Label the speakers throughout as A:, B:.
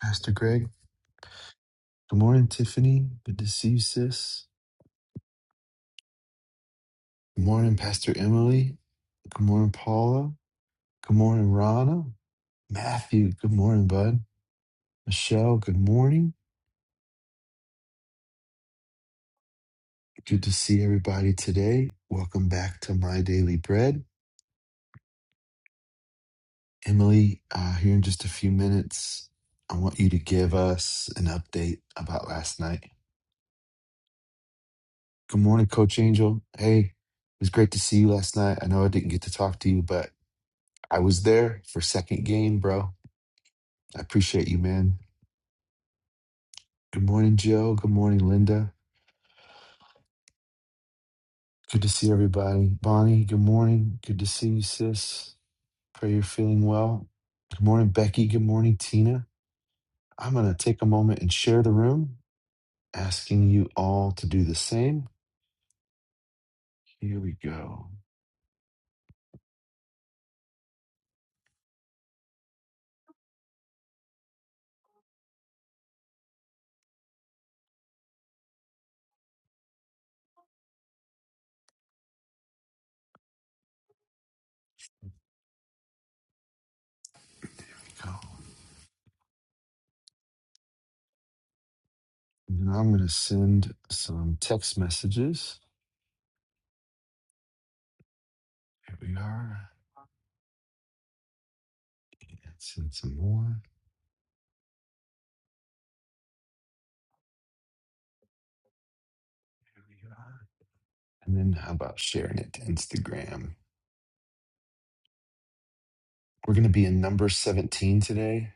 A: Pastor Greg. Good morning, Tiffany. Good to see you, sis. Good morning, Pastor Emily. Good morning, Paula. Good morning, Rana. Matthew, good morning, bud. Michelle, good morning. Good to see everybody today. Welcome back to My Daily Bread. Emily, uh, here in just a few minutes, I want you to give us an update about last night. Good morning, Coach Angel. Hey, it was great to see you last night. I know I didn't get to talk to you, but I was there for second game, bro. I appreciate you, man. Good morning, Joe. Good morning, Linda. Good to see everybody. Bonnie, good morning. Good to see you, sis. Pray you're feeling well. Good morning, Becky. Good morning, Tina. I'm going to take a moment and share the room, asking you all to do the same. Here we go. go. And I'm going to send some text messages. Here we are. And send some more. Here we are. And then how about sharing it to Instagram? We're going to be in number 17 today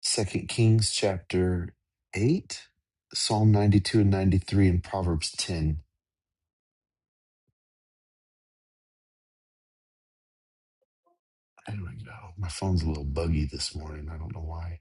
A: Second Kings chapter 8, Psalm 92 and 93, and Proverbs 10. I don't know. My phone's a little buggy this morning. I don't know why.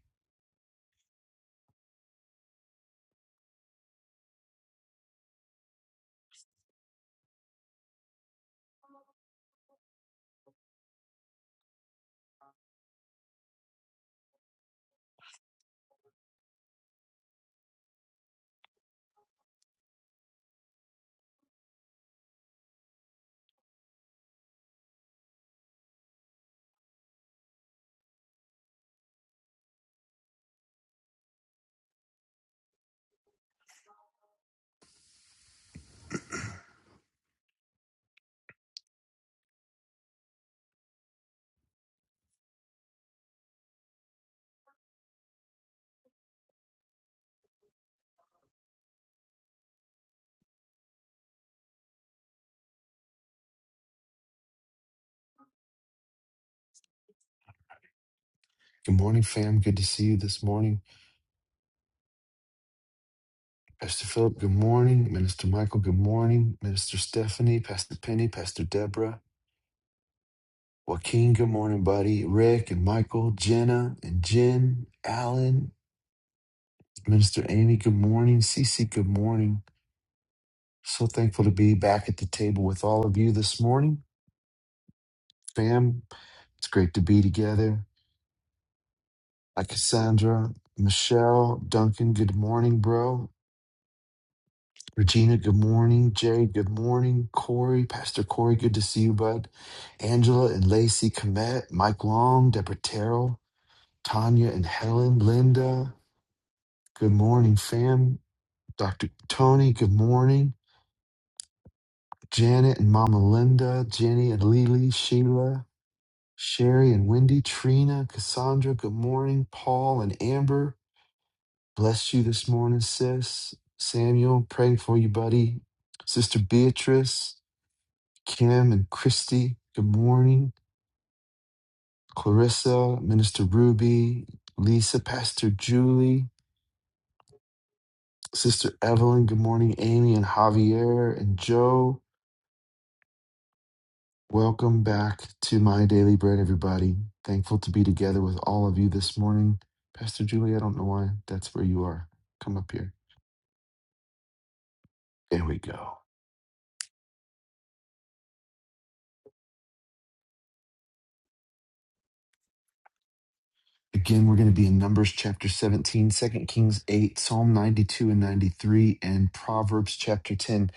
A: Good morning, fam. Good to see you this morning. Pastor Philip, good morning. Minister Michael, good morning. Minister Stephanie, Pastor Penny, Pastor Deborah, Joaquin, good morning, buddy. Rick and Michael, Jenna and Jen, Alan, Minister Amy, good morning. Cece, good morning. So thankful to be back at the table with all of you this morning. Fam, It's great to be together. Hi, Cassandra, Michelle, Duncan, good morning, bro. Regina, good morning. Jay, good morning. Corey, Pastor Corey, good to see you, bud. Angela and Lacey, Komet, Mike Long, Deborah Terrell, Tanya and Helen, Linda, good morning, fam. Dr. Tony, good morning. Janet and Mama Linda, Jenny and Lily, Sheila, Sherry and Wendy, Trina, Cassandra, good morning. Paul and Amber, Bless you this morning, sis. Samuel, praying for you, buddy. Sister Beatrice, Kim, and Christy, good morning. Clarissa, Minister Ruby, Lisa, Pastor Julie, Sister Evelyn, good morning. Amy and Javier and Joe, welcome back to My Daily Bread, everybody. Thankful to be together with all of you this morning. Pastor Julie, I don't know why that's where you are. Come up here. There we go. Again, we're going to be in Numbers chapter 17, Second Kings 8, Psalm 92 and 93, and Proverbs chapter 10.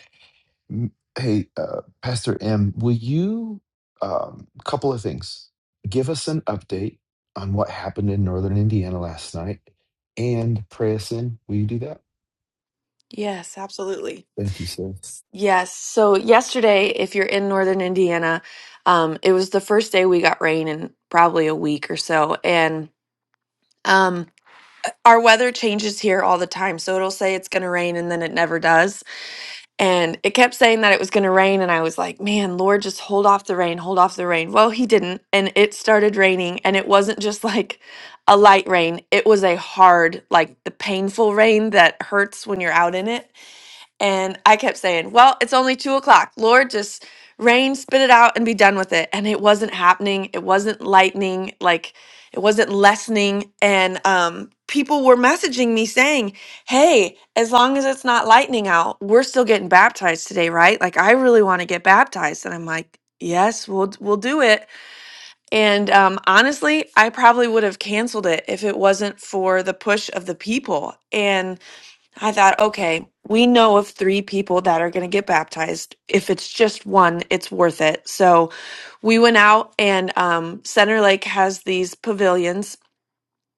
A: Hey, uh, Pastor M, will you, um, couple of things, give us an update on what happened in northern Indiana last night and pray us in? Will you do that?
B: Yes, absolutely.
A: Thank you, sir.
B: Yes. So yesterday, if you're in northern Indiana, um, it was the first day we got rain in probably a week or so. And um, our weather changes here all the time. So it'll say it's going to rain and then it never does. And it kept saying that it was going to rain. And I was like, man, Lord, just hold off the rain, hold off the rain. Well, he didn't. And it started raining. And it wasn't just like a light rain, it was a hard, like the painful rain that hurts when you're out in it. And I kept saying, Well, it's only two o'clock. Lord, just rain, spit it out, and be done with it. And it wasn't happening. It wasn't lightning. Like, it wasn't lessening. And um, people were messaging me saying, Hey, as long as it's not lightning out, we're still getting baptized today, right? Like, I really want to get baptized. And I'm like, Yes, we'll we'll do it. And um, honestly, I probably would have canceled it if it wasn't for the push of the people. I thought, okay, we know of three people that are going to get baptized. If it's just one, it's worth it. So we went out, and um, Center Lake has these pavilions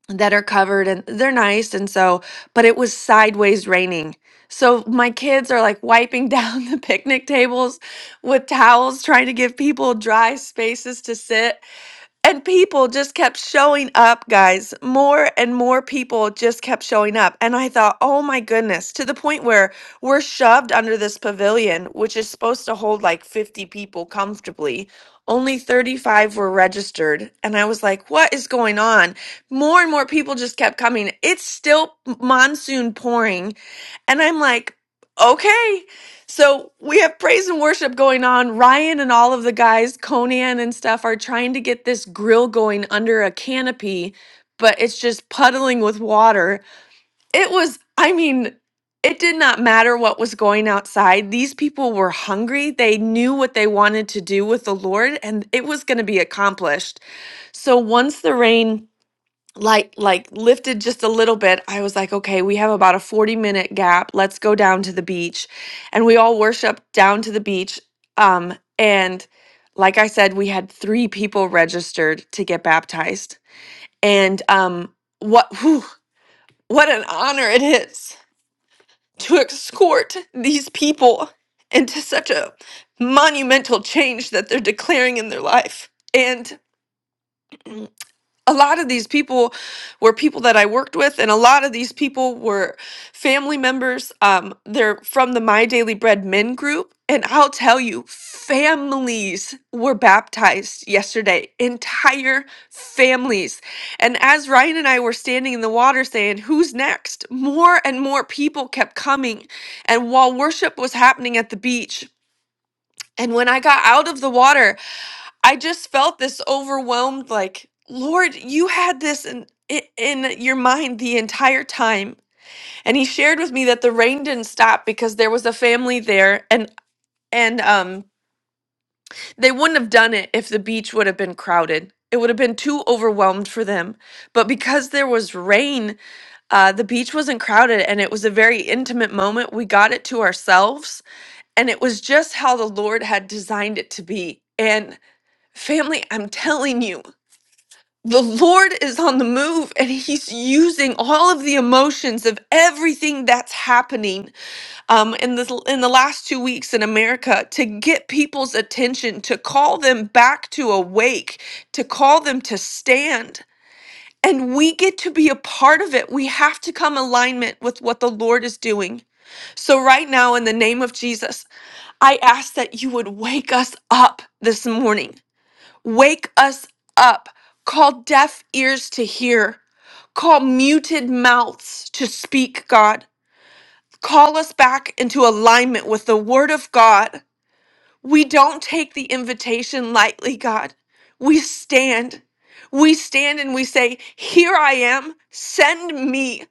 B: that are covered and they're nice. And so, but it was sideways raining. So my kids are like wiping down the picnic tables with towels, trying to give people dry spaces to sit and people just kept showing up, guys. More and more people just kept showing up. And I thought, oh my goodness, to the point where we're shoved under this pavilion, which is supposed to hold like 50 people comfortably. Only 35 were registered. And I was like, what is going on? More and more people just kept coming. It's still monsoon pouring and I'm like, okay. So we have praise and worship going on. Ryan and all of the guys, Conan and stuff, are trying to get this grill going under a canopy, but it's just puddling with water. It was, I mean, it did not matter what was going outside. These people were hungry. They knew what they wanted to do with the Lord, and it was going to be accomplished. So once the rain like like lifted just a little bit i was like okay we have about a 40 minute gap let's go down to the beach and we all worshiped down to the beach um and like i said we had three people registered to get baptized and um what whew, what an honor it is to escort these people into such a monumental change that they're declaring in their life a lot of these people were people that I worked with, and a lot of these people were family members. Um, they're from the My Daily Bread Men group. And I'll tell you, families were baptized yesterday, entire families. And as Ryan and I were standing in the water saying, Who's next? More and more people kept coming. And while worship was happening at the beach, and when I got out of the water, I just felt this overwhelmed, like, Lord, you had this in, i- in your mind the entire time. And he shared with me that the rain didn't stop because there was a family there and and um they wouldn't have done it if the beach would have been crowded. It would have been too overwhelmed for them. But because there was rain, uh, the beach wasn't crowded and it was a very intimate moment. We got it to ourselves and it was just how the Lord had designed it to be. And family, I'm telling you. the Lord is on the move and he's using all of the emotions of everything that's happening um, in, the in the last two weeks in America to get people's attention, to call them back to awake, to call them to stand. And we get to be a part of it. We have to come alignment with what the Lord is doing. So, right now, in the name of Jesus, I ask that you would wake us up this morning. Wake us up. Call deaf ears to hear Call muted mouths to speak, God. Call us back into alignment with the Word of God. We don't take the invitation lightly, God. We stand. We stand and we say, Here I am, send me.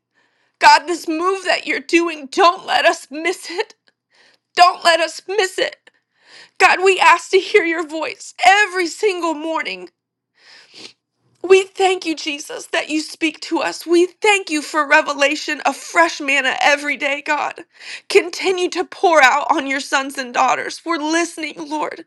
B: God, this move that you're doing, don't let us miss it. Don't let us miss it. God, we ask to hear your voice every single morning. We thank you, Jesus, that you speak to us. We thank you for revelation of fresh manna every day, God. Continue to pour out on your sons and daughters. We're listening, Lord.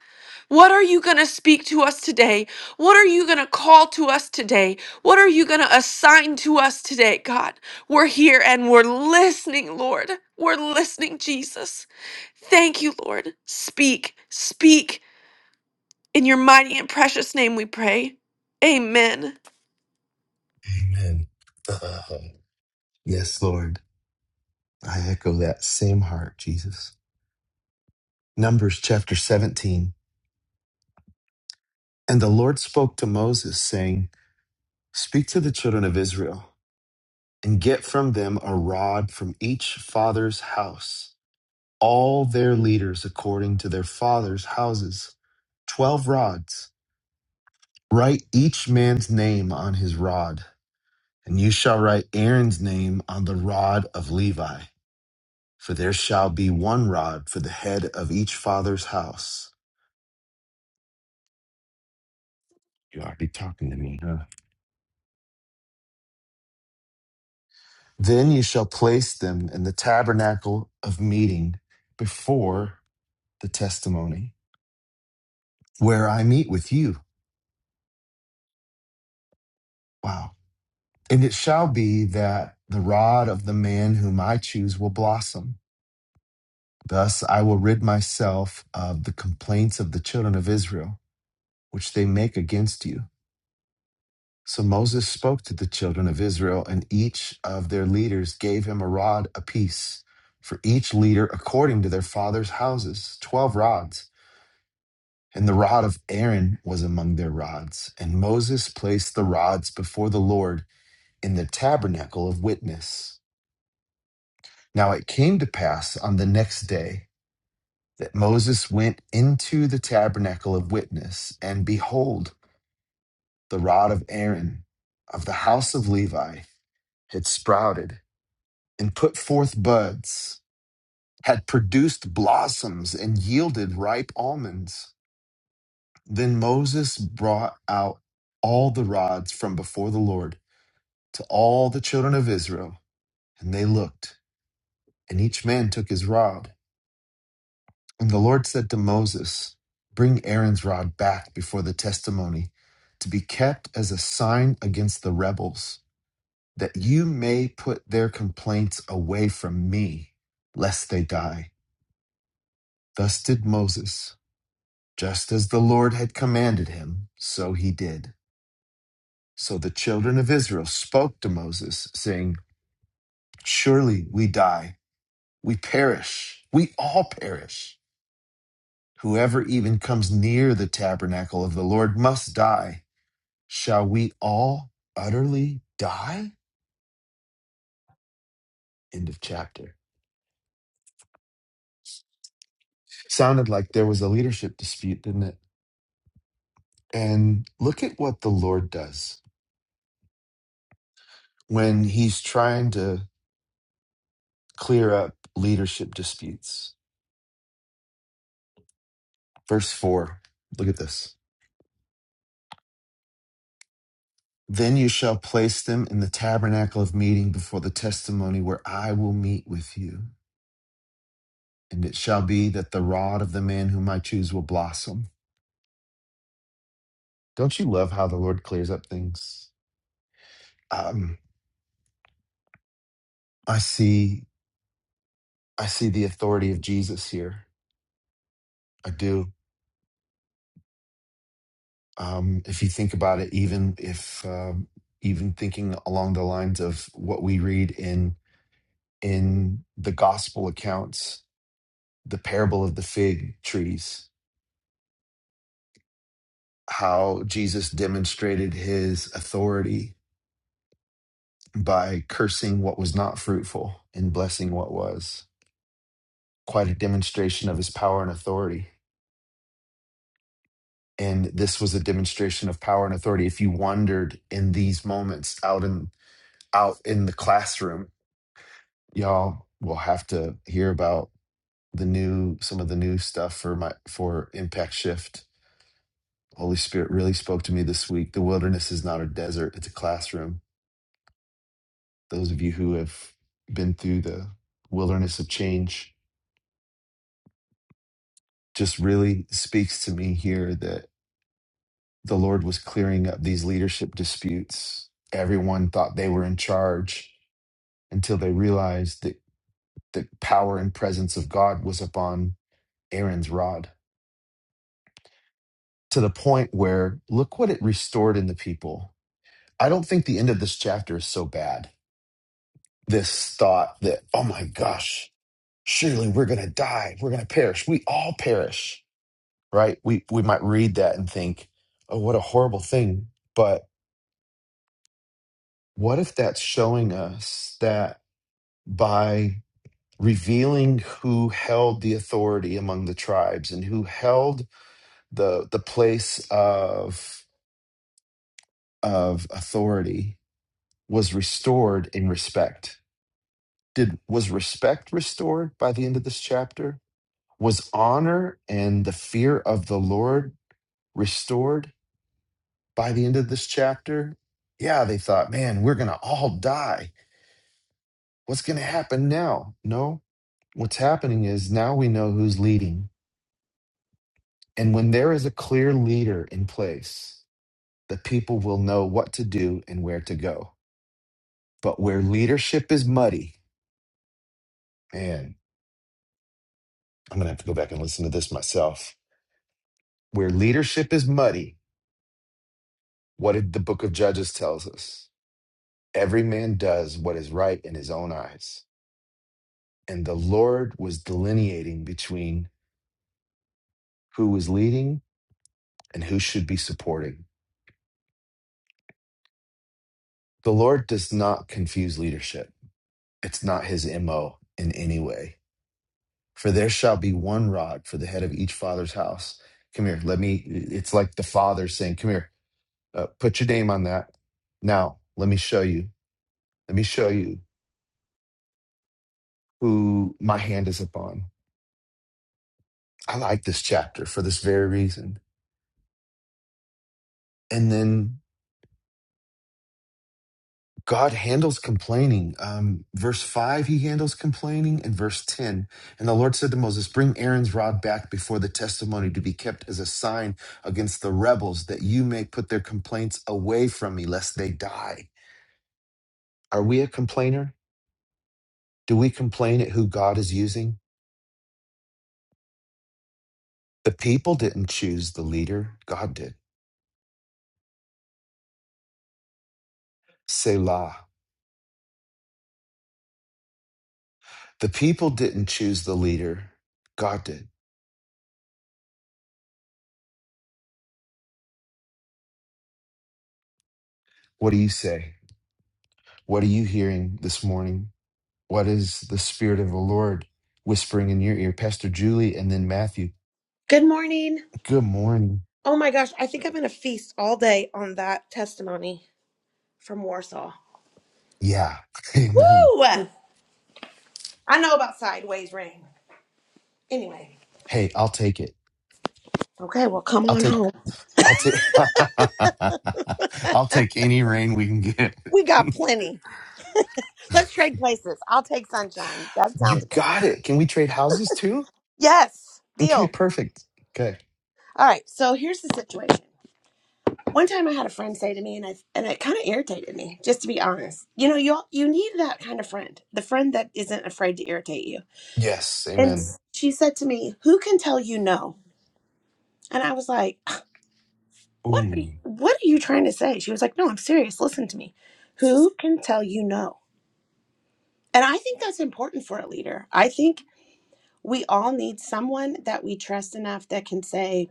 B: What are you going to speak to us today? What are you going to call to us today? What are you going to assign to us today, God? We're here and we're listening, Lord. We're listening, Jesus. Thank you, Lord. Speak, speak. In your mighty and precious name we pray. Amen.
A: Amen. Uh, yes, Lord. I echo that same heart, Jesus. Numbers chapter 17. And the Lord spoke to Moses, saying, Speak to the children of Israel and get from them a rod from each father's house, all their leaders according to their father's houses, 12 rods. Write each man's name on his rod, and you shall write Aaron's name on the rod of Levi. For there shall be one rod for the head of each father's house. You ought to be talking to me, huh? Then you shall place them in the tabernacle of meeting before the testimony where I meet with you. Wow. And it shall be that the rod of the man whom I choose will blossom. Thus I will rid myself of the complaints of the children of Israel, which they make against you. So Moses spoke to the children of Israel, and each of their leaders gave him a rod apiece, for each leader according to their father's houses, twelve rods. And the rod of Aaron was among their rods. And Moses placed the rods before the Lord in the tabernacle of witness. Now it came to pass on the next day that Moses went into the tabernacle of witness, and behold, the rod of Aaron of the house of Levi had sprouted and put forth buds, had produced blossoms and yielded ripe almonds. Then Moses brought out all the rods from before the Lord to all the children of Israel, and they looked, and each man took his rod. And the Lord said to Moses, Bring Aaron's rod back before the testimony to be kept as a sign against the rebels, that you may put their complaints away from me, lest they die. Thus did Moses, just as the Lord had commanded him, so he did. So the children of Israel spoke to Moses, saying, Surely we die, we perish, we all perish. Whoever even comes near the tabernacle of the Lord must die. Shall we all utterly die? End of chapter. Sounded like there was a leadership dispute, didn't it? And look at what the Lord does when he's trying to clear up leadership disputes. Verse 4, look at this. Then you shall place them in the tabernacle of meeting before the testimony where I will meet with you. And it shall be that the rod of the man whom I choose will blossom. Don't you love how the Lord clears up things? Um, I see I see the authority of Jesus here. I do. Um, if you think about it, even if um, even thinking along the lines of what we read in in the gospel accounts, the parable of the fig trees, how Jesus demonstrated his authority by cursing what was not fruitful and blessing what was. Quite a demonstration of his power and authority and this was a demonstration of power and authority if you wandered in these moments out in out in the classroom. Y'all will have to hear about the new some of the new stuff for my for impact shift. Holy Spirit really spoke to me this week. The wilderness is not a desert, it's a classroom. Those of you who have been through the wilderness of change just really speaks to me here that the Lord was clearing up these leadership disputes. Everyone thought they were in charge until they realized that the power and presence of God was upon Aaron's rod to the point where look what it restored in the people. I don't think the end of this chapter is so bad. This thought that, oh my gosh, surely we're going to die. We're going to perish. We all perish, right? We, we might read that and think, oh, what a horrible thing. But what if that's showing us that by revealing who held the authority among the tribes and who held the, the place of, of authority, was restored in respect. Did was respect restored by the end of this chapter? Was honor and the fear of the Lord restored by the end of this chapter? Yeah, they thought, man, we're going to all die. What's going to happen now? No. What's happening is now we know who's leading. And when there is a clear leader in place, the people will know what to do and where to go. But where leadership is muddy, man, I'm going to have to go back and listen to this myself Where leadership is muddy, what did the book of Judges tells us? Every man does what is right in his own eyes. And the Lord was delineating between who was leading and who should be supporting. The Lord does not confuse leadership. It's not his MO in any way. For there shall be one rod for the head of each father's house. Come here, let me. It's like the father saying, Come here, uh, put your name on that. Now, let me show you. Let me show you who my hand is upon I like this chapter for this very reason. And then God handles complaining. Um, verse 5, he handles complaining. And verse 10, and the Lord said to Moses, Bring Aaron's rod back before the testimony to be kept as a sign against the rebels, that you may put their complaints away from me, lest they die. Are we a complainer? Do we complain at who God is using? The people didn't choose the leader, God did. Selah. The people didn't choose the leader, God did. What do you say? What are you hearing this morning? What is the Spirit of the Lord whispering in your ear? Pastor Julie and then Matthew.
C: Good morning.
A: Good morning.
C: Oh my gosh, I think I'm going to feast all day on that testimony from Warsaw.
A: Yeah. Amen.
C: Woo! I know about sideways rain. Anyway.
A: Hey, I'll take it.
C: Okay, well, come
A: I'll
C: on
A: take
C: home.
A: I'll take I'll take any rain we can get.
C: We got plenty. Let's trade places. I'll take sunshine. That
A: You
C: sounds good.
A: got it. Can we trade houses too?
C: Yes,
A: Okay,
C: deal.
A: perfect. Okay.
C: All right, so here's the situation. One time I had a friend say to me, and I and it kind of irritated me, just to be honest. You know, you you need that kind of friend, the friend that isn't afraid to irritate you.
A: Yes,
C: And
A: amen.
C: she said to me, "Who can tell you no?" And I was like, what are
A: Ooh,
C: you, what are you trying to say she was like no i'm serious listen to me who can tell you no and i think that's important for a leader i think we all need someone that we trust enough that can say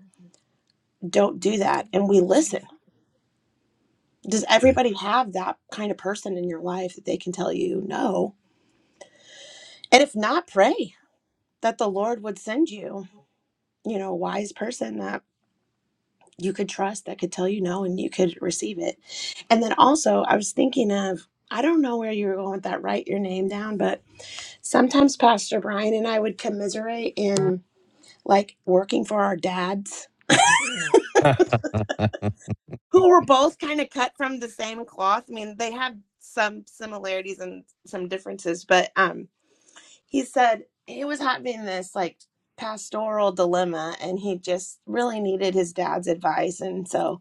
C: don't do that and we listen does
A: good.
C: everybody have that kind of person in your life that they can tell you no and if not pray that the lord would send you you know a wise person that you could trust that could tell you no and you could receive it. And then also, I was thinking of, I don't know where you were going with that, write your name down, but sometimes Pastor Brian and I would commiserate in like working for our dads who were both kind of cut from the same cloth. I mean, they had some similarities and some differences, but um, he said he was having this like pastoral dilemma and he just really needed his dad's advice. And so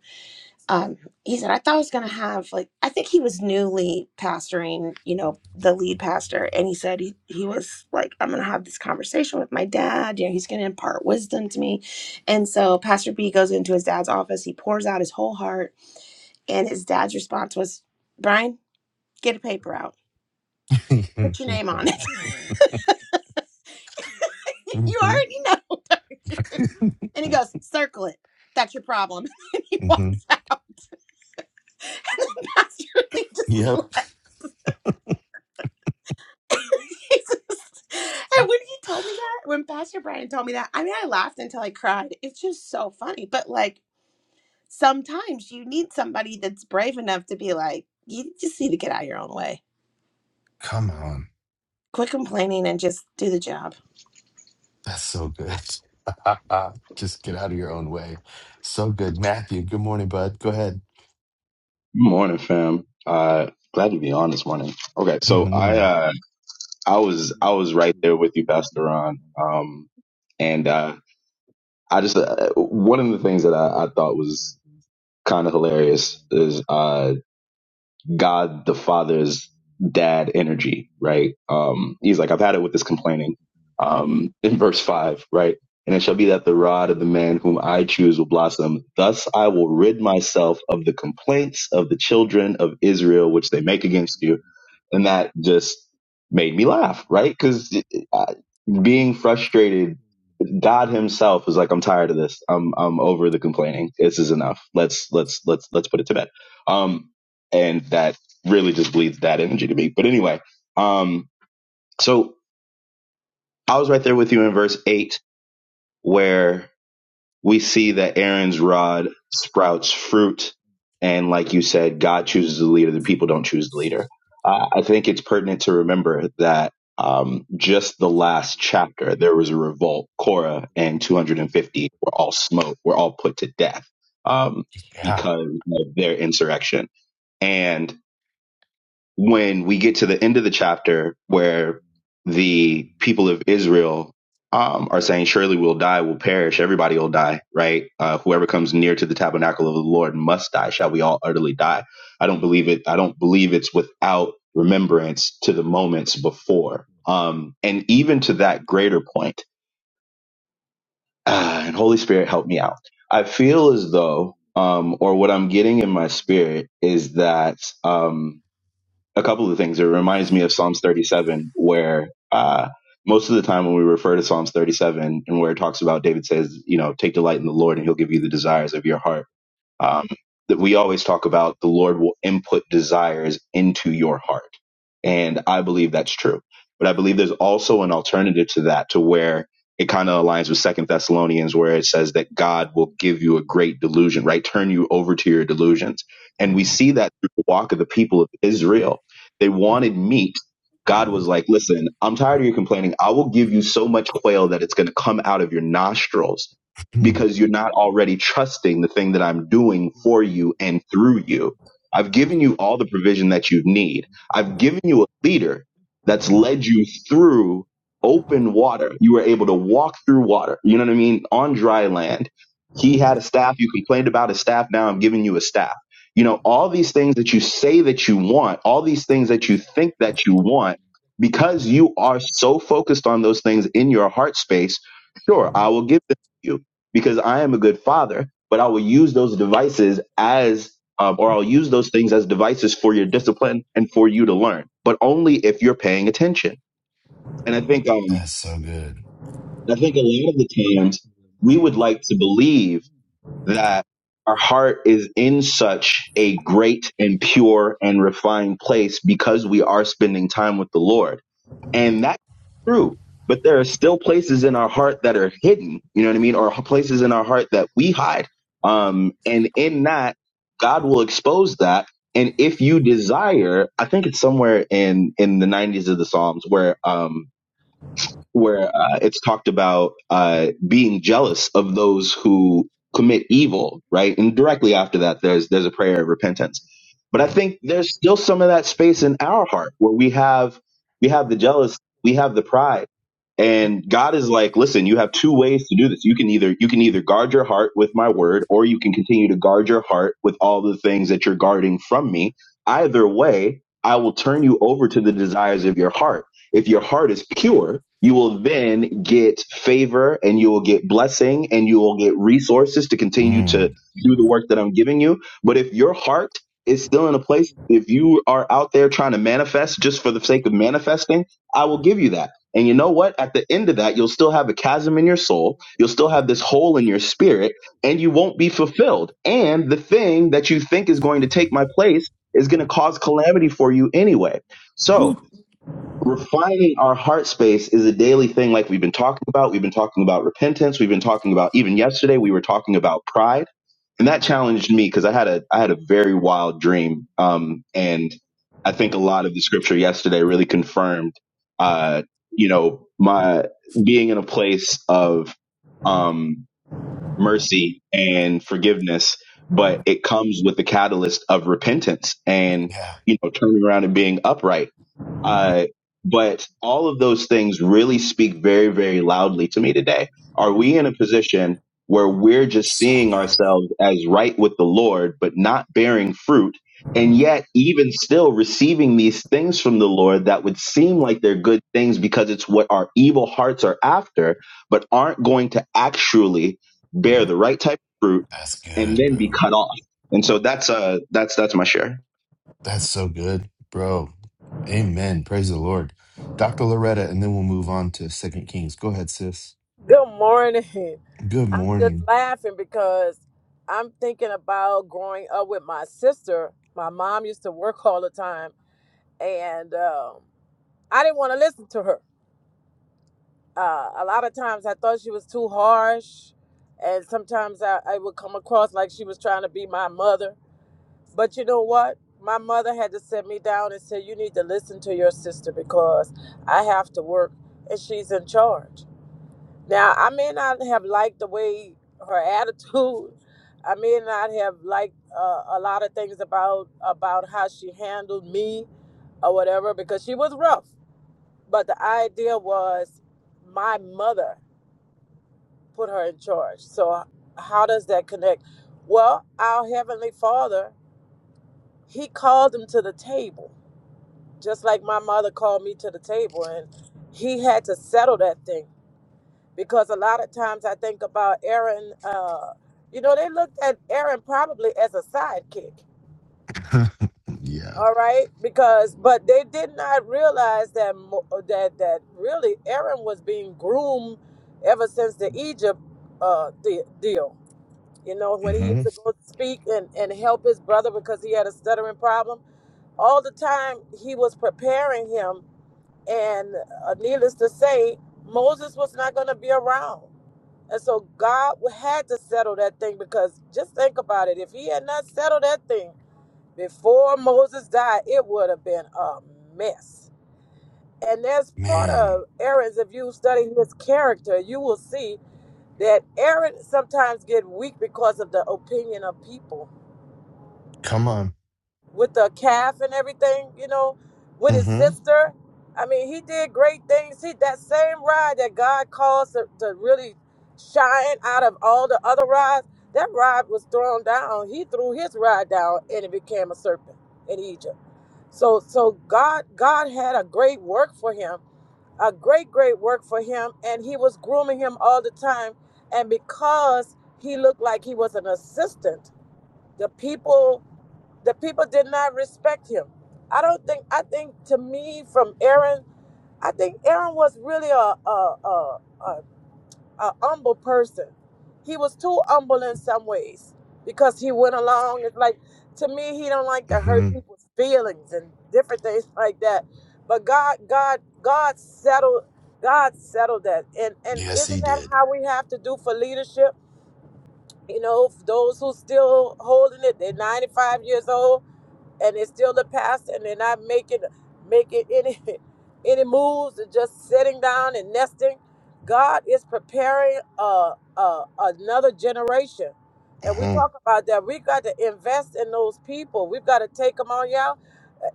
C: um, he said, I thought I was going to have, like, I think he was newly pastoring, you know, the lead pastor. And he said, he, he was like, I'm going to have this conversation with my dad. You know, he's going to impart wisdom to me. And so Pastor B goes into his dad's office. He pours out his whole heart. And his dad's response was, Brian, get a paper out, put your name on it. you
A: hmm
C: already know. don't you? And he goes, circle it. That's your problem. and he
A: hmm
C: walks out. And the pastor really just
A: Yep.
C: left. And when he told me that, when Pastor Brian told me that, I mean, I laughed until I cried. It's just so funny. But like, sometimes you need somebody that's brave enough to be like, you just need to get out of your own way.
A: Come on.
C: Quit complaining and just do the job.
A: That's so good. Just get out of your own way. So good. Matthew, good morning, bud. Go ahead.
D: Good Morning, fam. Uh, glad to be on this morning. Okay, so
A: hmm
D: I uh, I was I was right there with you, Pastor Ron. Um, and uh, I just uh, one of the things that I, I thought was kind of hilarious is uh, God the Father's dad energy, right? Um, he's like, I've had it with this complaining. Um, in verse five, right? And it shall be that the rod of the man whom I choose will blossom. Thus I will rid myself of the complaints of the children of Israel, which they make against you. And that just made me laugh, right? Because being frustrated god himself is like i'm tired of this i'm i'm over the complaining this is enough let's let's let's let's put it to bed um and that really just bleeds that energy to me but anyway um so i was right there with you in verse 8 where we see that Aaron's rod sprouts fruit. And like you said, God chooses the leader, the people don't choose the leader. Uh, I think it's pertinent to remember that um, just the last chapter, there was a revolt. Korah and 250 were all smoked, were all put to death um,
A: Yeah.
D: because of their insurrection. And when we get to the end of the chapter where the people of Israel um, are saying, Surely we'll die, we'll perish, everybody will die, right? Uh, whoever comes near to the tabernacle of the Lord must die. Shall we all utterly die? I don't believe it. I don't believe it's without remembrance to the moments before. Um, and even to that greater point, ah, and Holy Spirit, help me out. I feel as though, um, or what I'm getting in my spirit is that. Um, a couple of things. It reminds me of Psalms 37, where uh, most of the time when we refer to Psalms 37 and where it talks about David says, you know, take delight in the Lord and he'll give you the desires of your heart um, that we always talk about the Lord will input desires into your heart. And I believe that's true. But I believe there's also an alternative to that to where it kind of aligns with Second Thessalonians, where it says that God will give you a great delusion, right? Turn you over to your delusions. And we see that through the walk of the people of Israel. They wanted meat. God was like, listen, I'm tired of you complaining. I will give you so much quail that it's going to come out of your nostrils
A: Mm.
D: because you're not already trusting the thing that I'm doing for you and through you. I've given you all the provision that you need. I've given you a leader that's led you through open water. You were able to walk through water. You know what I mean? On dry land. He had a staff. You complained about a staff. Now I'm giving you a staff. You know, all these things that you say that you want, all these things that you think that you want, because you are so focused on those things in your heart space, sure, I will give them to you because I am a good father, but I will use those devices as, um, or I'll use those things as devices for your discipline and for you to learn, but only if you're paying attention. And I think, um,
A: That's so good.
D: I think a lot of the times we would like to believe that our heart is in such a great and pure and refined place because we are spending time with the Lord and that's true. But there are still places in our heart that are hidden, you know what I mean? Or places in our heart that we hide. Um, and in that, God will expose that. And if you desire, I think it's somewhere in, in the 90s of the Psalms where, um, where uh, it's talked about uh, being jealous of those who commit evil, right? And directly after that, there's there's a prayer of repentance. But I think there's still some of that space in our heart where we have we have the jealous, we have the pride, and God is like, listen, you have two ways to do this. You can either you can either guard your heart with my word, or you can continue to guard your heart with all the things that you're guarding from me. Either way, I will turn you over to the desires of your heart if your heart is pure, you will then get favor and you will get blessing and you will get resources to continue to
A: Mm.
D: do the work that I'm giving you. But if your heart is still in a place, if you are out there trying to manifest just for the sake of manifesting, I will give you that. And you know what? At the end of that, you'll still have a chasm in your soul. You'll still have this hole in your spirit and you won't be fulfilled. And the thing that you think is going to take my place is going to cause calamity for you anyway. So refining our heart space is a daily thing like we've been talking about we've been talking about repentance we've been talking about even yesterday we were talking about pride and that challenged me because i had a i had a very wild dream um and i think a lot of the scripture yesterday really confirmed uh you know my being in a place of um, mercy and forgiveness, but it comes with the catalyst of repentance and,
A: Yeah.
D: you know, turning around and being upright. Uh, but all of those things really speak very, very loudly to me today. Are we in a position where we're just
A: So
D: seeing
A: good.
D: ourselves as right with the Lord, but not bearing fruit? And yet, even still receiving these things from the Lord that would seem like they're good things because it's what our evil hearts are after, but aren't going to actually bear the right type of fruit,
A: That's
D: and
A: good,
D: then be
A: bro.
D: cut off. And so that's uh that's that's my share.
A: That's so good, bro. Amen. Praise the Lord. Dr. Loretta, and then we'll move on to Second Kings. Go ahead, sis.
E: Good morning.
A: Good
E: I'm just
A: morning.
E: laughing because I'm thinking about growing up with my sister. My mom used to work all the time, and um, I didn't want to listen to her. Uh, a lot of times I thought she was too harsh, and sometimes I, I would come across like she was trying to be my mother. But you know what? My mother had to sit me down and say, You need to listen to your sister because I have to work and she's in charge. Now, I may not have liked the way her attitude. I may not have liked uh, a lot of things about about how she handled me or whatever because she was rough. But the idea was my mother put her in charge. So how does that connect? Well, our heavenly Father, he called him to the table, just like my mother called me to the table and he had to settle that thing. because a lot of times I think about Aaron. Uh, you know, they looked at Aaron probably as a sidekick.
A: yeah.
E: All right, because but they did not realize that mo- that that really Aaron was being groomed ever since the Egypt uh, de- deal. You know, when he used
A: hmm
E: to go speak and, and help his brother because he had a stuttering problem. All the time he was preparing him, and uh, needless to say, Moses was not going to be around. And so God had to settle that thing because just think about it. If he had not settled that thing before Moses died, it would have been a mess. And that's part of
A: Man,
E: Aaron's, if you study his character, you will see that Aaron sometimes get weak because of the opinion of people.
A: come on.
E: with the calf and everything, you know, with his
A: hmm
E: sister. I mean, he did great things. He that same rod that God caused to, to really shine out of all the other rods, that rod was thrown down. He threw his rod down and it became a serpent in Egypt. So so God God had a great work for him, a great, great work for him, and he was grooming him all the time. And because he looked like he was an assistant, the people the people did not respect him. I don't think. I think to me, from Aaron, I think Aaron was really a a a, a, a humble person. He was too humble in some ways because he went along. It's like to me, he don't like to
A: hmm
E: hurt people's feelings and different things like that. But God, God, God settled. God settled that, and and
A: Yes, he
E: isn't that
A: did.
E: how we have to do for leadership? You know, those who still holding it, they're ninety five years old and it's still the pastor and they're not making making any any moves They're just sitting down and nesting god is preparing uh, uh, another generation and we
A: hmm
E: talk about that we got to invest in those people we've got to take them on y'all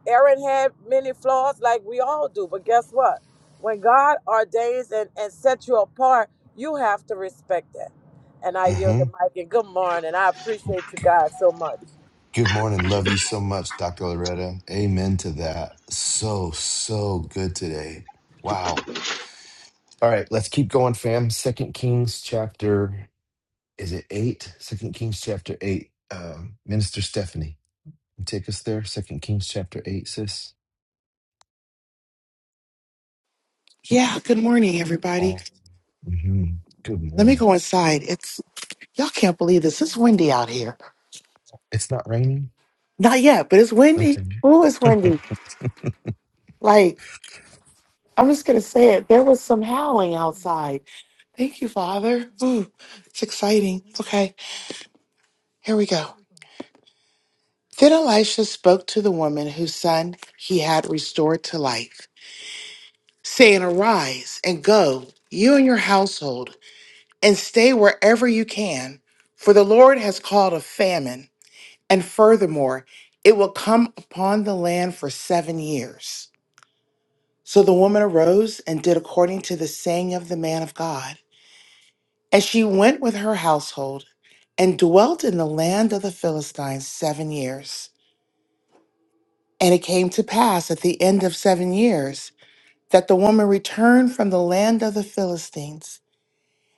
E: aaron had many flaws like we all do but guess what when god ordains and, and sets you apart you have to respect that and i yield
A: hmm
E: the mic and good morning i appreciate you guys so much
A: Good morning. Love you so much, Dr. Loretta. Amen to that. So, so good today. Wow. All right, let's keep going, fam. Second Kings chapter is it eight? Second Kings chapter eight. Um, Minister Stephanie, you take us there. Second Kings chapter eight, sis.
F: Yeah, good morning, everybody.
A: Awesome. hmm Good
F: Let me
A: morning.
F: go inside. It's y'all can't believe this. It's windy out here.
A: It's not raining.
F: Not yet, but it's windy.
A: Okay.
F: Ooh, it's
A: what
F: windy. Like, I'm just gonna say it. There was some howling outside. Thank you, Father. Ooh, it's exciting. Okay, here we go. Then Elisha spoke to the woman whose son he had restored to life, saying, Arise and go, you and your household, and stay wherever you can, for the Lord has called a famine. And furthermore, it will come upon the land for seven years. So the woman arose and did according to the saying of the man of God. And she went with her household and dwelt in the land of the Philistines seven years. And it came to pass at the end of seven years that the woman returned from the land of the Philistines.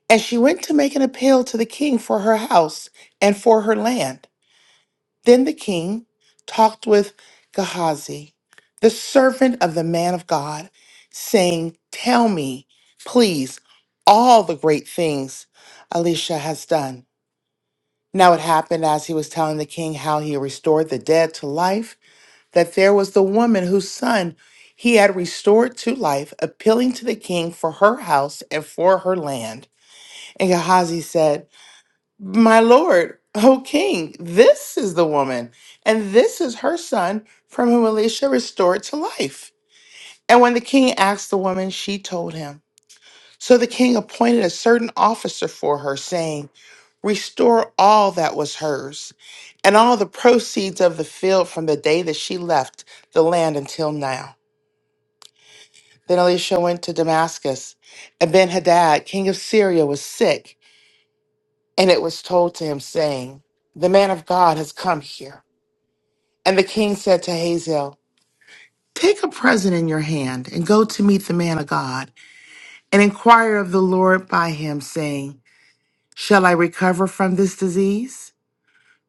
F: And she went to make an appeal to the king for her house and for her land. Then the king talked with Gehazi, the servant of the man of God, saying, Tell me, please, all the great things Elisha has done. Now it happened as he was telling the king how he restored the dead to life, that there was the woman whose son he had restored to life, appealing to the king for her house and for her land. And Gehazi said, my lord, O king, this is the woman, and this is her son from whom Elisha restored to life. And when the king asked the woman, she told him. So the king appointed a certain officer for her, saying, Restore all that was hers, and all the proceeds of the field from the day that she left the land until now. Then Elisha went to Damascus, and Ben Hadad, king of Syria, was sick, and it was told to him, saying, The man of God has come here. And the king said to Hazael, Take a present in your hand and go to meet the man of God and inquire of the Lord by him, saying, 'Shall I recover from this disease?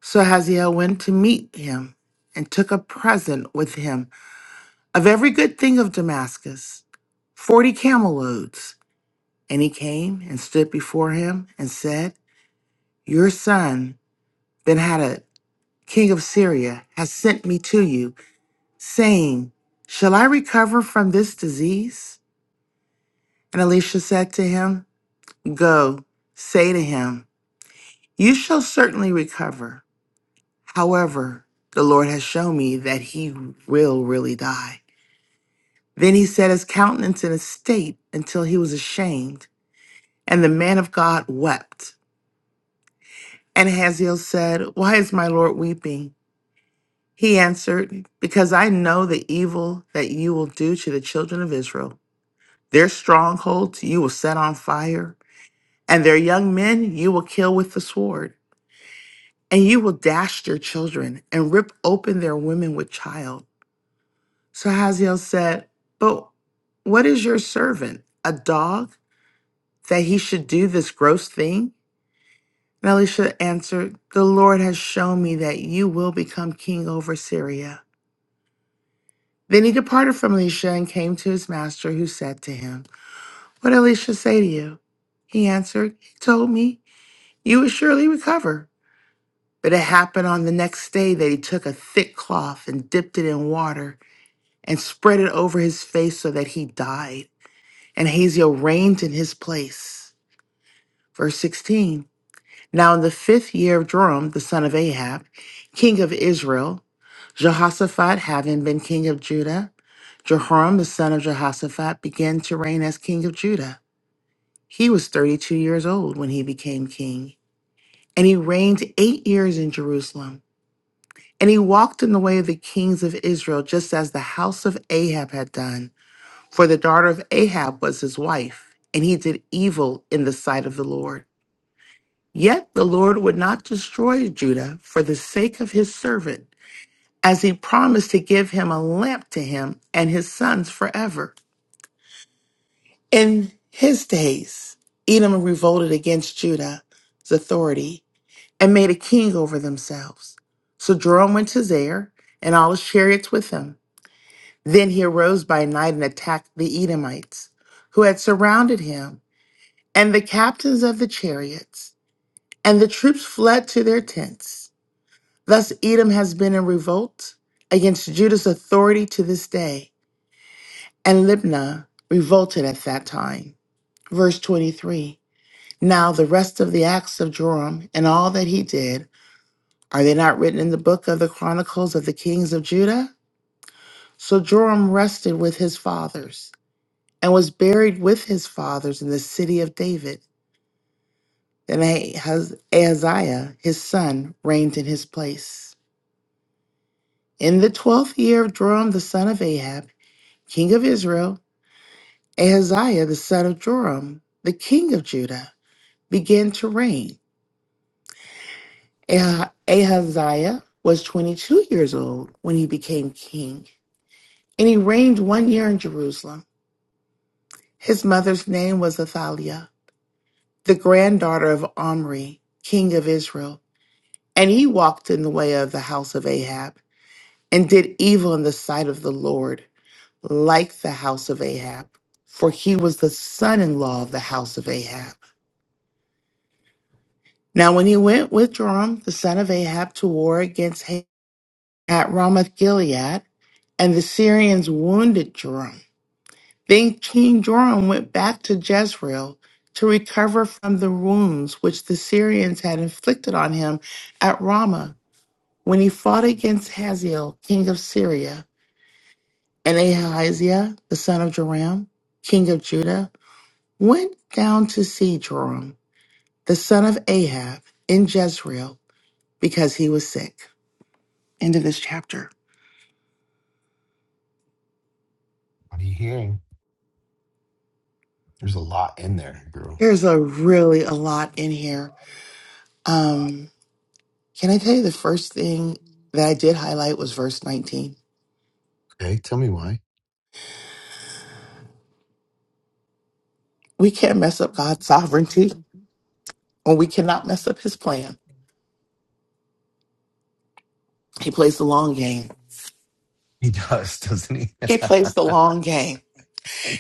F: So Hazael went to meet him and took a present with him of every good thing of Damascus, forty camel loads. And he came and stood before him and said, Your son, Ben Hadad, king of Syria, has sent me to you saying, Shall I recover from this disease? And Elisha said to him, Go, say to him, You shall certainly recover. However, the Lord has shown me that he will really die. Then he set his countenance in a state until he was ashamed, and the man of God wept. And Haziel said, Why is my Lord weeping? He answered, Because I know the evil that you will do to the children of Israel. Their strongholds you will set on fire, and their young men you will kill with the sword. And you will dash their children and rip open their women with child. So Hazael said, But what is your servant, a dog, that he should do this gross thing? And Elisha answered, The Lord has shown me that you will become king over Syria. Then he departed from Elisha and came to his master, who said to him, What did Elisha say to you? He answered, He told me. You would surely recover. But it happened on the next day that he took a thick cloth and dipped it in water and spread it over his face so that he died. And Hazael reigned in his place. Verse 16 Now in the fifth year of Joram, the son of Ahab, king of Israel, Jehoshaphat having been king of Judah, Jehoram the son of Jehoshaphat began to reign as king of Judah. He was 32 years old when he became king, and he reigned eight years in Jerusalem. And he walked in the way of the kings of Israel, just as the house of Ahab had done, for the daughter of Ahab was his wife, and he did evil in the sight of the Lord. Yet the Lord would not destroy Judah for the sake of his servant, as he promised to give him a lamp to him and his sons forever. In his days, Edom revolted against Judah's authority and made a king over themselves. So Joram went to Zair and all his chariots with him. Then he arose by night and attacked the Edomites, who had surrounded him, and the captains of the chariots, and the troops fled to their tents. Thus Edom has been in revolt against Judah's authority to this day, and Libnah revolted at that time. Verse 23 Now the rest of the acts of Joram and all that he did, are they not written in the book of the chronicles of the kings of Judah? So Joram rested with his fathers and was buried with his fathers in the city of David. Then Ahaz- Ahaziah, his son, reigned in his place. In the twelfth year of Joram the son of Ahab, king of Israel, Ahaziah the son of Joram, the king of Judah, began to reign. Ah- Ahaziah was twenty-two years old when he became king, and he reigned one year in Jerusalem. His mother's name was Athaliah, the granddaughter of Omri, king of Israel. And he walked in the way of the house of Ahab and did evil in the sight of the Lord, like the house of Ahab, for he was the son in law of the house of Ahab. Now, when he went with Joram, the son of Ahab, to war against Ahab at Ramoth Gilead, and the Syrians wounded Joram, then King Joram went back to Jezreel to recover from the wounds which the Syrians had inflicted on him at Ramah when he fought against Hazael, king of Syria. And Ahaziah, the son of Joram, king of Judah, went down to see Joram, the son of Ahab, in Jezreel, because he was sick. End of this chapter.
A: are you hearing? There's a lot in there, girl.
F: There's a really a lot in here. Um, can I tell you the first thing that I did highlight was verse 19.
A: Okay, tell me why.
F: We can't mess up God's sovereignty, or we cannot mess up his plan. He plays the long game.
A: He does, doesn't he?
F: He plays the long game.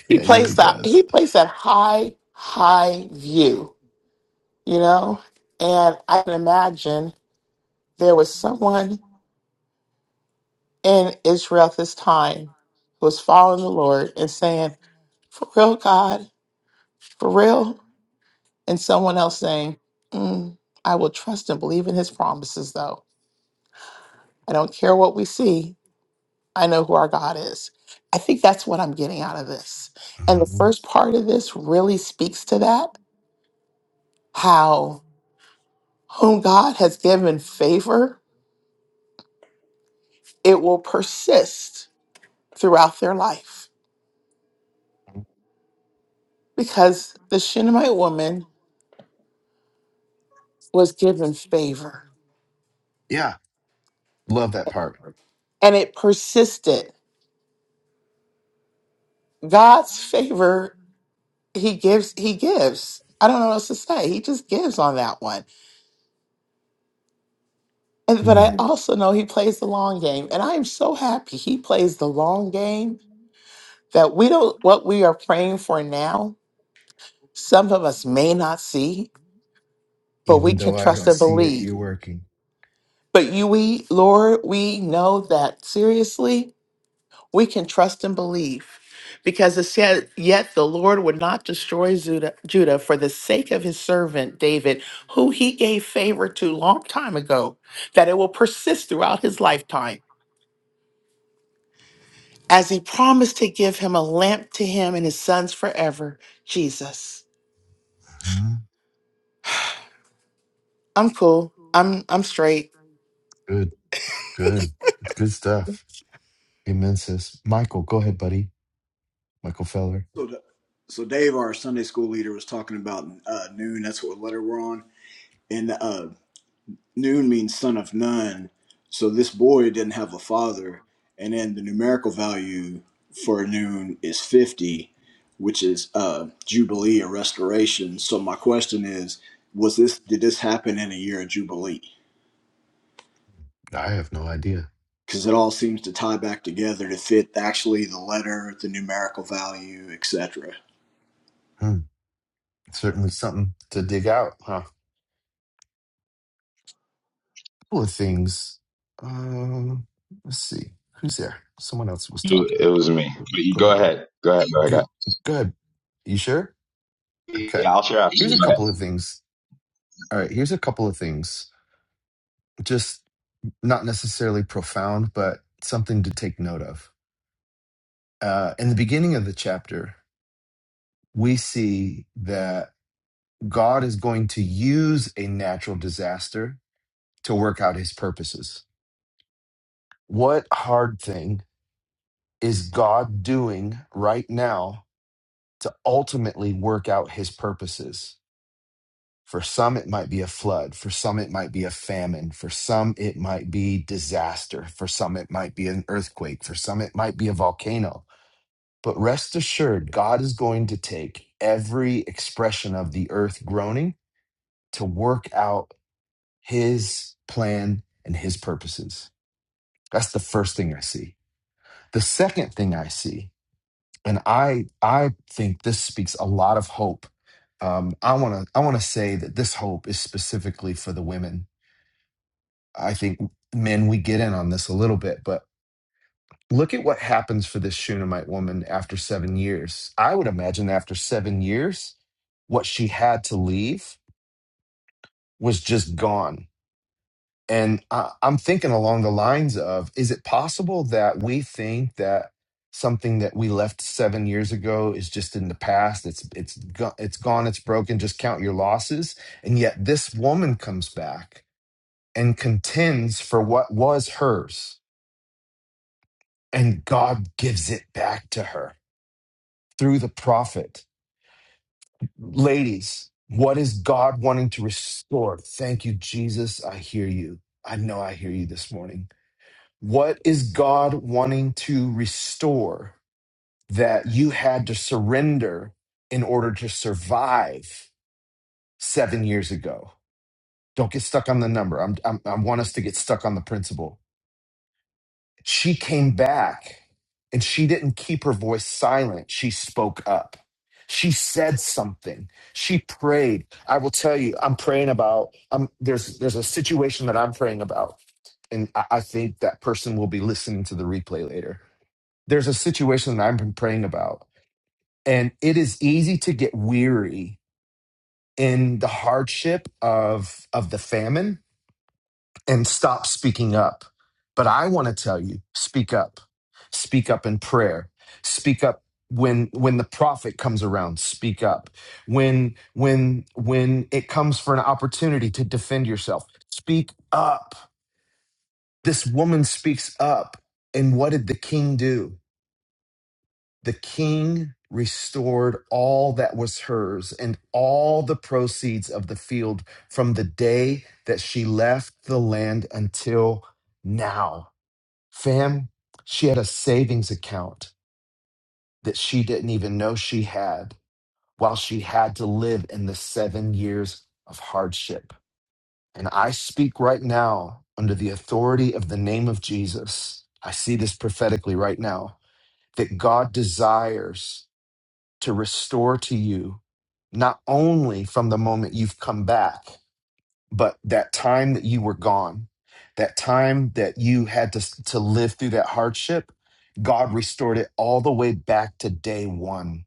F: He
A: yeah, he
F: plays
A: really
F: that he
A: does.
F: plays that high, high view you know? And I can imagine there was someone in Israel at this time who was following the Lord and saying, For real, God, for real. And someone else saying, "Mm, I will trust and believe in his promises, though. I don't care what we see. I know who our God is. I think that's what I'm getting out of this. And the
A: hmm
F: first part of this really speaks to that how whom God has given favor, it will persist throughout their life because the Shunammite woman was given favor
A: Yeah, love that part.
F: and it persisted. God's favor, he gives, he gives. I don't know what else to say. He just gives on that one. And, but
A: Mm.
F: I Mhm. also know he plays the long game. And I am so happy he plays the long game that we don't, what we are praying for now, some of us may not see, but we
A: even
F: can
A: though I
F: trust
A: don't
F: and
A: see it,
F: believe.
A: you're working.
F: But you, we, Lord, we know that seriously, We can trust and believe because it said, Yet the Lord would not destroy Judah, Judah for the sake of his servant David, who he gave favor to long time ago, that it will persist throughout his lifetime, as he promised to give him a lamp to him and his sons forever, Jesus.
A: Uh-huh.
F: I'm cool. I'm I'm straight.
A: Good, good, It's good stuff. Amen, sis. Michael, go ahead, buddy. Michael Feller.
G: So, so Dave, our Sunday school leader, was talking about uh, noon. That's what letter we're on, and uh, noon means son of none. So this boy didn't have a father, and then the numerical value for noon is fifty, which is uh, jubilee or restoration. So my question is, was this did this happen in a year of jubilee?
A: I have no idea.
G: Because it all seems to tie back together to fit actually the letter, the numerical value, etc.
A: Hmm. Certainly something to dig out, huh? couple of things. Um, let's see. Who's there? Someone else was
D: It
A: talking.
D: was me.
A: Go
D: But you
A: go
D: go
A: ahead.
D: ahead. Go ahead. Go
A: Go,
D: ahead.
A: go ahead. You sure? Okay.
D: Yeah, I'll share after
A: Here's
D: you.
A: a
D: Go
A: couple
D: ahead.
A: of things. All right. Here's a couple of things. Just not necessarily profound, but something to take note of uh, in the beginning of the chapter, we see that God is going to use a natural disaster to work out his purposes. What hard thing is God doing right now to ultimately work out his purposes? For some, it might be a flood. For some, it might be a famine. For some, it might be disaster. For some, it might be an earthquake. For some, it might be a volcano But rest assured, God is going to take every expression of the earth groaning to work out his plan and his purposes. That's the first thing I see. The second thing I see, and I I think this speaks a lot of hope. Um, I wanna I wanna say that this hope is specifically for the women. I think men we get in on this a little bit, but Look at what happens for this Shunammite woman after seven years. I would imagine after seven years, what she had to leave was just gone. And I, I'm thinking along the lines of is it possible that we think that something that we left seven years ago is just in the past? It's, it's, go- it's gone, it's broken, just count your losses. And yet this woman comes back and contends for what was hers, and God gives it back to her through the prophet. Ladies, what is God wanting to restore? Thank you, Jesus. I hear you. I know I hear you this morning. What is God wanting to restore that you had to surrender in order to survive seven years ago? Don't get stuck on the number. I'm, I'm, I want us to get stuck on the principle. She came back and she didn't keep her voice silent. She spoke up. She said something. She prayed. I will tell you, I'm praying about I'm there's there's a situation that I'm praying about. And I, I think that person will be listening to the replay later. There's a situation that I've been praying about. And it is easy to get weary in the hardship of of the famine and stop speaking up. But I want to tell you, speak up. Speak up in prayer. Speak up when when the prophet comes around, speak up. When when when it comes for an opportunity to defend yourself, speak up. This woman speaks up. And what did the king do? The king restored all that was hers and all the proceeds of the field from the day that she left the land until now Fam, she had a savings account that she didn't even know she had while she had to live in the seven years of hardship. And I speak right now under the authority of the name of Jesus. I see this prophetically right now that God desires to restore to you not only from the moment you've come back. but that time that you were gone that time that you had to to live through that hardship god restored it all the way back to day 1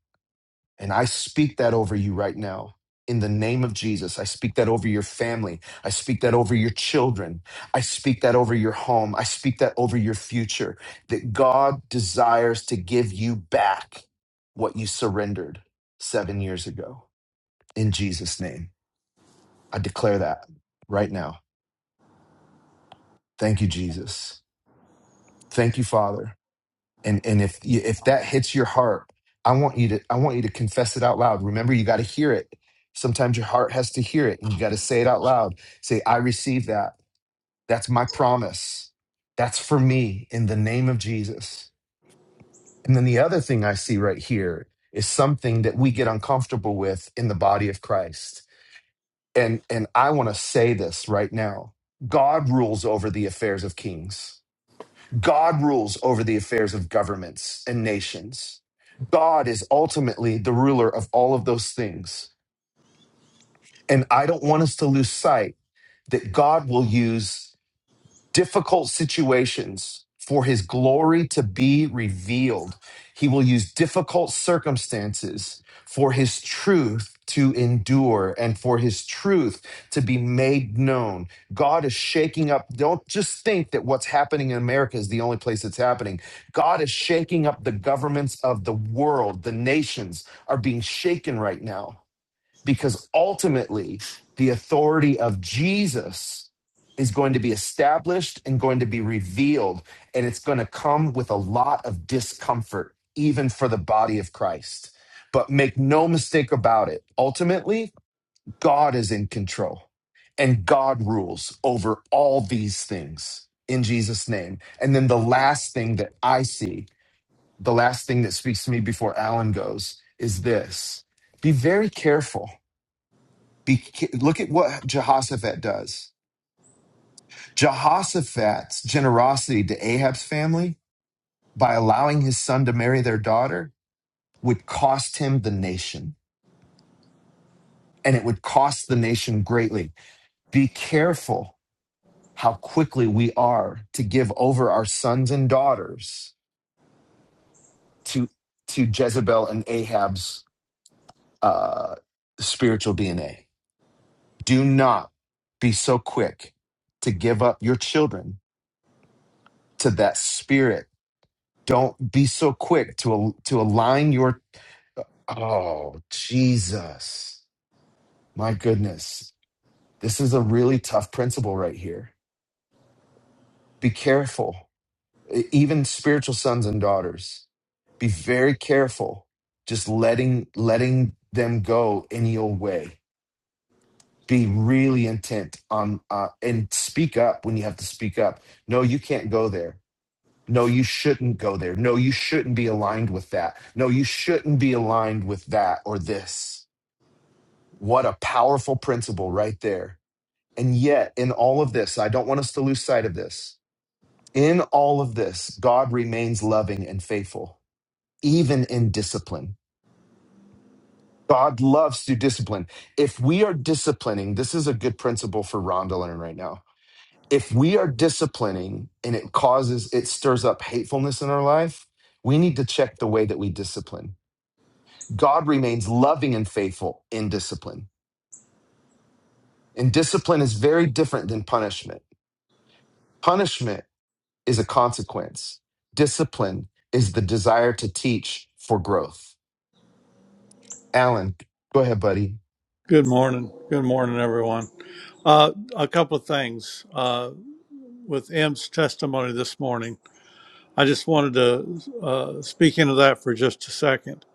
A: and i speak that over you right now in the name of Jesus, I speak that over your family. I speak that over your children. I speak that over your home. I speak that over your future. That God desires to give you back what you surrendered seven years ago. In Jesus' name, I declare that right now. Thank you, Jesus. Thank you, Father. And and if you- if that hits your heart, I want you to I want you to confess it out loud. Remember, you got to hear it. Sometimes your heart has to hear it, and you got to say it out loud. Say, "I receive that. That's my promise. That's for me in the name of Jesus." And then the other thing I see right here is something that we get uncomfortable with in the body of Christ. And and I want to say this right now. God rules over the affairs of kings. God rules over the affairs of governments and nations. God is ultimately the ruler of all of those things. And I don't want us to lose sight that God will use difficult situations for his glory to be revealed. He will use difficult circumstances for his truth to endure and for his truth to be made known. God is shaking up. Don't just think that what's happening in America is the only place it's happening. God is shaking up the governments of the world. The nations are being shaken right now because ultimately the authority of Jesus is going to be established and going to be revealed. And it's going to come with a lot of discomfort, even for the body of Christ. But make no mistake about it, ultimately, God is in control and God rules over all these things in Jesus' name. And then the last thing that I see, the last thing that speaks to me before Alan goes, is this be very careful Beca- Look at what Jehoshaphat does. Jehoshaphat's generosity to Ahab's family by allowing his son to marry their daughter would cost him the nation, and it would cost the nation greatly. Be careful how quickly we are to give over our sons and daughters to to Jezebel and Ahab's uh, spiritual DNA. Do not be so quick to give up your children to that spirit Don't be so quick to al- to align your oh Jesus. My goodness. This is a really tough principle right here. Be careful. E- Even spiritual sons and daughters, be very careful just letting letting them go any old way. Be really intent on uh, and speak up when you have to speak up. No, you can't go there. No, you shouldn't go there. No, you shouldn't be aligned with that. No, you shouldn't be aligned with that or this. What a powerful principle right there. And yet, in all of this, I don't want us to lose sight of this. In all of this, God remains loving and faithful, even in discipline. God loves to discipline. If we are disciplining, this is a good principle for Rhonda to learn right now if we are disciplining and it causes it stirs up hatefulness in our life we need to check the way that we discipline god remains loving and faithful in discipline and discipline is very different than punishment punishment is a consequence discipline is the desire to teach for growth alan go ahead buddy
H: Good morning. Good morning, everyone. Uh, a couple of things uh, with M's testimony this morning. I just wanted to uh, speak into that for just a second.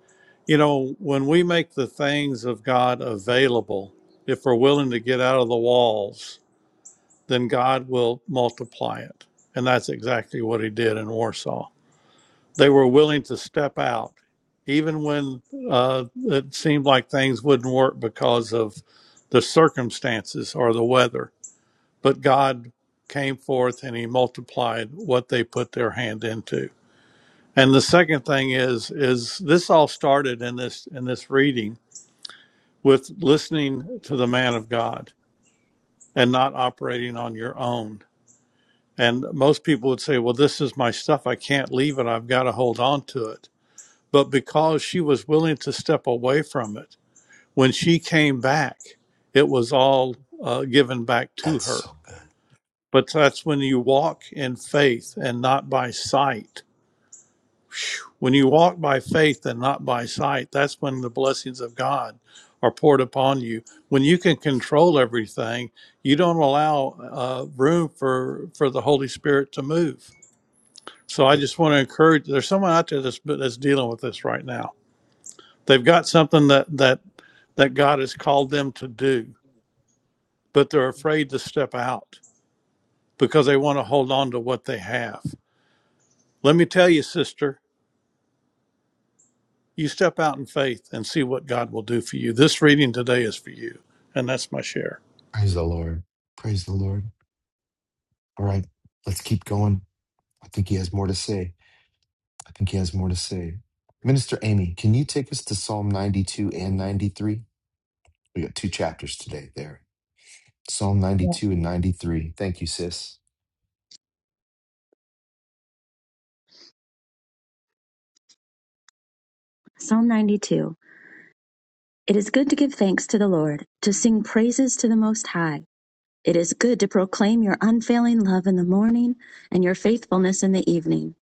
H: You know, when we make the things of God available, if we're willing to get out of the walls, then God will multiply it. And that's exactly what he did in Warsaw they were willing to step out, even when uh, it seemed like things wouldn't work because of the circumstances or the weather. But God came forth and He multiplied what they put their hand into. And the second thing is, is this all started in this in this reading with listening to the man of God and not operating on your own. And most people would say, "Well, this is my stuff. I can't leave it. I've got to hold on to it." but because she was willing to step away from it, when she came back, it was all uh, given back to
A: That's
H: her.
A: so good.
H: But that's when you walk in faith and not by sight. When you walk by faith and not by sight, that's when the blessings of God are poured upon you. When you can control everything, you don't allow uh, room for for the Holy Spirit to move. So I
A: Right.
H: just want to encourage. There's someone out there that's that's dealing with this right now they've got something that that that God has called them to do, but they're afraid to step out because they want to hold on to what they have. Let me tell you, sister, you step out in faith and see what God will do for you. This reading today is for you, and that's my share.
A: praise the lord praise the lord all right let's keep going i think he has more to say I think he has more to say. Minister Amy, can you take us to Psalm 92 and 93? We got two chapters today there. Psalm
I: Yeah.
A: 92 and 93. Thank you, sis.
I: Psalm 92. It is good to give thanks to the Lord, to sing praises to the Most High. It is good to proclaim your unfailing love in the morning and your faithfulness in the evening.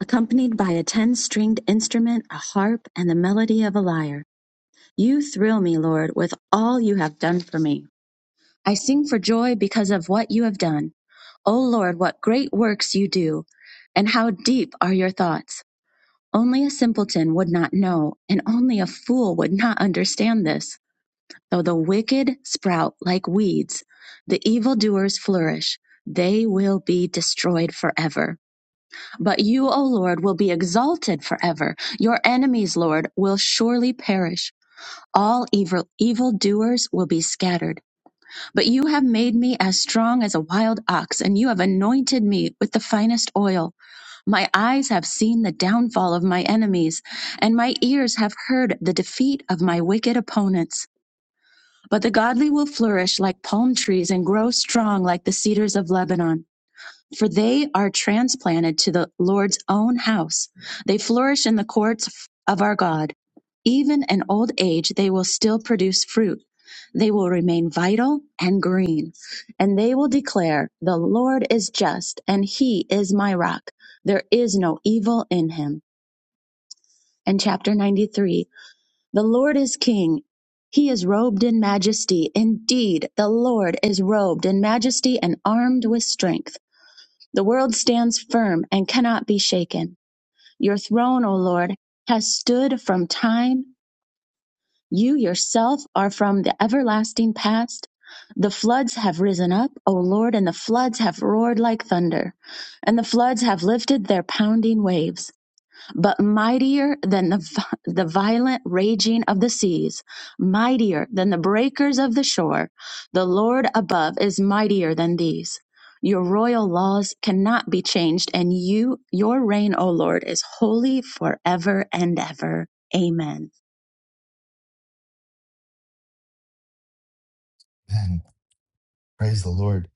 I: Accompanied by a ten stringed instrument, a harp, and the melody of a lyre. You thrill me, Lord, with all you have done for me. I sing for joy because of what you have done. O Lord, what great works you do, and how deep are your thoughts. Only a simpleton would not know, and only a fool would not understand this. Though the wicked sprout like weeds, the evildoers flourish, they will be destroyed forever. But you, O Lord, will be exalted forever. Your enemies, Lord, will surely perish. All evil evildoers will be scattered. But you have made me as strong as a wild ox, and you have anointed me with the finest oil. My eyes have seen the downfall of my enemies, and my ears have heard the defeat of my wicked opponents. But the godly will flourish like palm trees and grow strong like the cedars of Lebanon for they are transplanted to the Lord's own house. They flourish in the courts of our God. Even in old age, they will still produce fruit. They will remain vital and green, and they will declare, The Lord is just, and He is my rock. There is no evil in Him. And chapter 93 The Lord is King. He is robed in majesty. Indeed, the Lord is robed in majesty and armed with strength. The world stands firm and cannot be shaken. Your throne, O Lord, has stood from time. You yourself are from the everlasting past. The floods have risen up, O Lord, and the floods have roared like thunder, and the floods have lifted their pounding waves but mightier than the, the violent raging of the seas, mightier than the breakers of the shore. The Lord above is mightier than these. Your royal laws cannot be changed, and you, your reign, O Lord, is holy forever and ever. Amen.
A: And praise the Lord.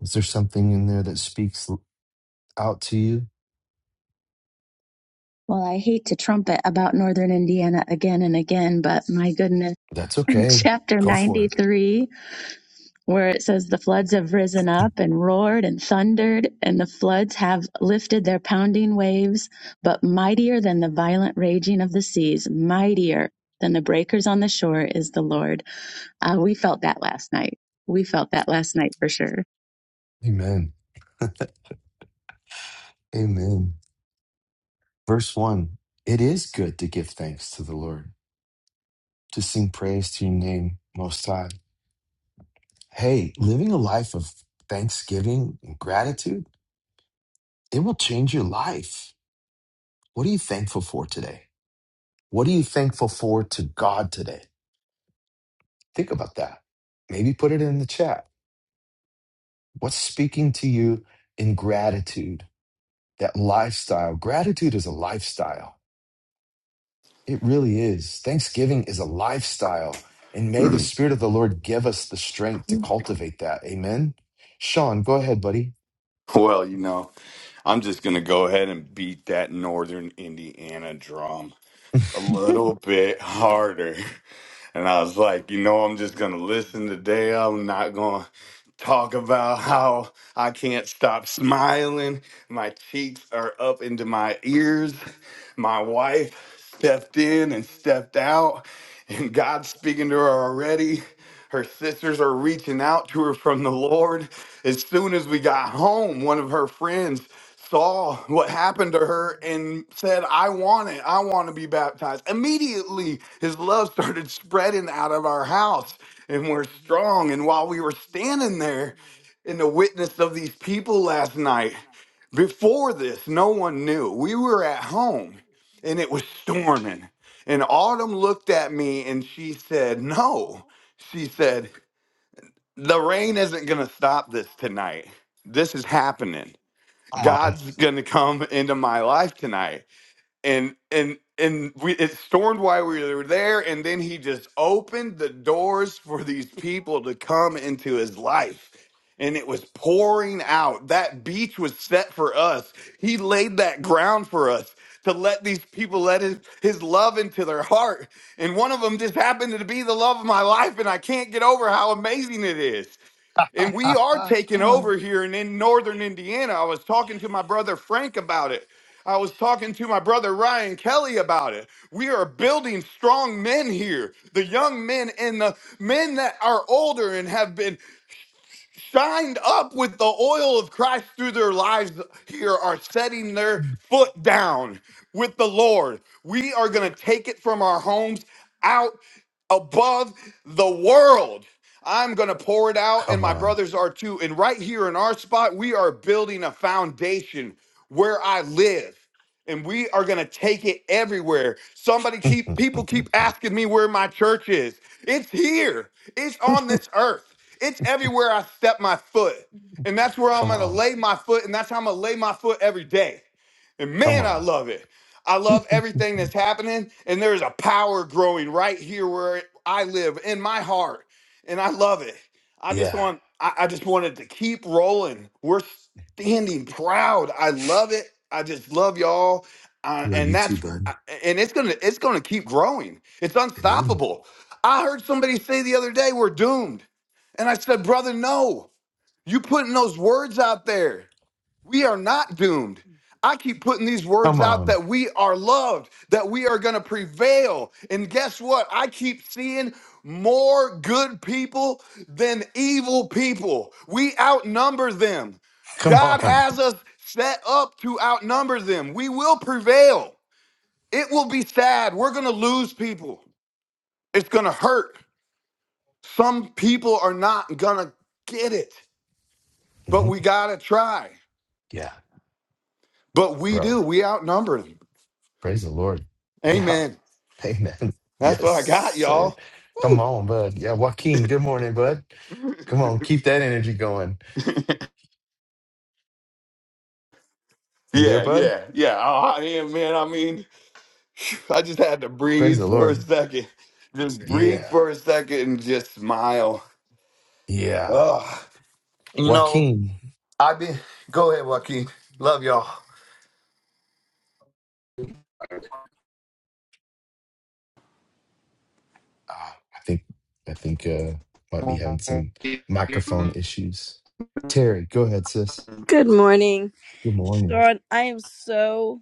A: Is there something in there that speaks out to you?
I: Well, I hate to trumpet about Northern Indiana again and again, but my goodness.
A: That's okay.
I: Chapter
A: Go for it.
I: 93 where it says the floods have risen up and roared and thundered, and the floods have lifted their pounding waves, but mightier than the violent raging of the seas, mightier than the breakers on the shore is the Lord. Uh, we felt that last night. We felt that last night for sure.
A: Amen. Amen. Verse 1 It is good to give thanks to the Lord, to sing praise to your name, Most High. Hey, living a life of thanksgiving and gratitude, it will change your life What are you thankful for today? What are you thankful for to God today? Think about that. Maybe put it in the chat. What's speaking to you in gratitude? That lifestyle. Gratitude is a lifestyle. It really is. Thanksgiving is a lifestyle. And may the
J: Hmm.
A: Spirit of the Lord give us the strength to cultivate that. Amen. Sean, go ahead, buddy.
J: Well, you know, I'm just going to go ahead and beat that Northern Indiana drum
A: Come
J: a little bit harder. And I was like, you know, I'm just going to listen today. I'm not going to talk about how I can't stop smiling. My cheeks are up into my ears. My wife stepped in and stepped out, and God's speaking to her already. Her sisters are reaching out to her from the Lord. As soon as we got home, one of her friends saw what happened to her and said, I want it. I want to be baptized. Immediately, his love started spreading out of our house and we're strong. And while we were standing there in the witness of these people last night, before this, no one knew. We were at home and it was storming. And Autumn looked at me and she said, No. She said, The rain isn't going to stop this tonight. This is happening. God's going to come into my life tonight and and and we it stormed while we were there and then he just opened the doors for these people to come into his life and it was pouring out that beach was set for us he laid that ground for us to let these people let his, his love into their heart and one of them just happened to be the love of my life and i can't get over how amazing it is and we are taking over here and in northern Indiana. I was talking to my brother Frank about it. I was talking to my brother Ryan Kelly about it. We are building strong men here, the young men and the men that are older and have been shined up with the oil of Christ through their lives here are setting their foot down with the Lord. We are going to take it from our homes out above the world. I'm going to pour it out, and my
A: on.
J: brothers are too. And right here in our spot, we are building a foundation where I live and we are going to take it everywhere. Somebody
A: Come on. Come
J: keep people
A: on.
J: keep asking me where my church is. It's here. It's on this earth. It's everywhere I step my foot. And that's where I'm
A: Come
J: going to
A: on.
J: lay my foot and that's how I'm going to lay my foot every day. And
A: Come
J: man, I
A: on.
J: love it. I love everything that's happening and there's a power growing right here where I live in my heart and I love it. I just
A: Yeah.
J: want I, I just wanted to keep rolling. We're standing proud. I love it. I just love y'all, uh,
A: Love
J: and
A: you too,
J: that's
A: bud.
J: I- and it's gonna it's gonna keep growing. It's
A: Amen.
J: unstoppable. I heard somebody say the other day we're doomed, and I said, brother, no. You putting those words out there. We are not doomed. I keep putting these words
A: Come
J: out
A: on.
J: that we are loved, that we are going to prevail. And guess what? I keep seeing more good people than evil people. We outnumber them.
A: Come
J: God
A: on.
J: has us set up to outnumber them. We will prevail. It will be sad. We're going to lose people. It's going to hurt. Some people are not going to get it, but
A: hmm
J: we got to try.
A: Yeah,
J: But we do.
A: bro.
J: We outnumber them.
A: Praise the Lord. Yeah.
J: Amen.
A: Amen.
J: That's
A: Yes,
J: what I got,
A: sir.
J: y'all.
A: Come
J: Woo.
A: on, bud. Yeah, Joaquin, good morning, bud. Come on, keep that energy going. You there,
J: Yeah,
A: bud?
J: yeah, yeah. Oh, I am, man, I mean, I just had to
A: Praise
J: breathe
A: the
J: for a
A: Lord.
J: second. Just breathe
A: Yeah.
J: for a second and just smile.
A: Yeah.
J: Ugh. You know,
A: Joaquin.
J: I've been. Go ahead, Joaquin. Love y'all.
A: Ah, I think I think uh might be having some
K: Thank
A: microphone issues. Terry, go ahead, sis.
L: Good morning.
A: Good morning.
L: Sean, I am so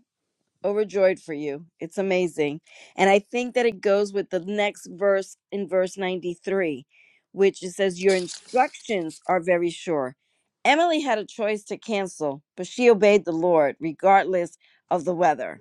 L: overjoyed for you. It's amazing. And I think that it goes with the next verse in verse 93, which it says, Your instructions are very sure. Emily had a choice to cancel, but she obeyed the Lord regardless of the weather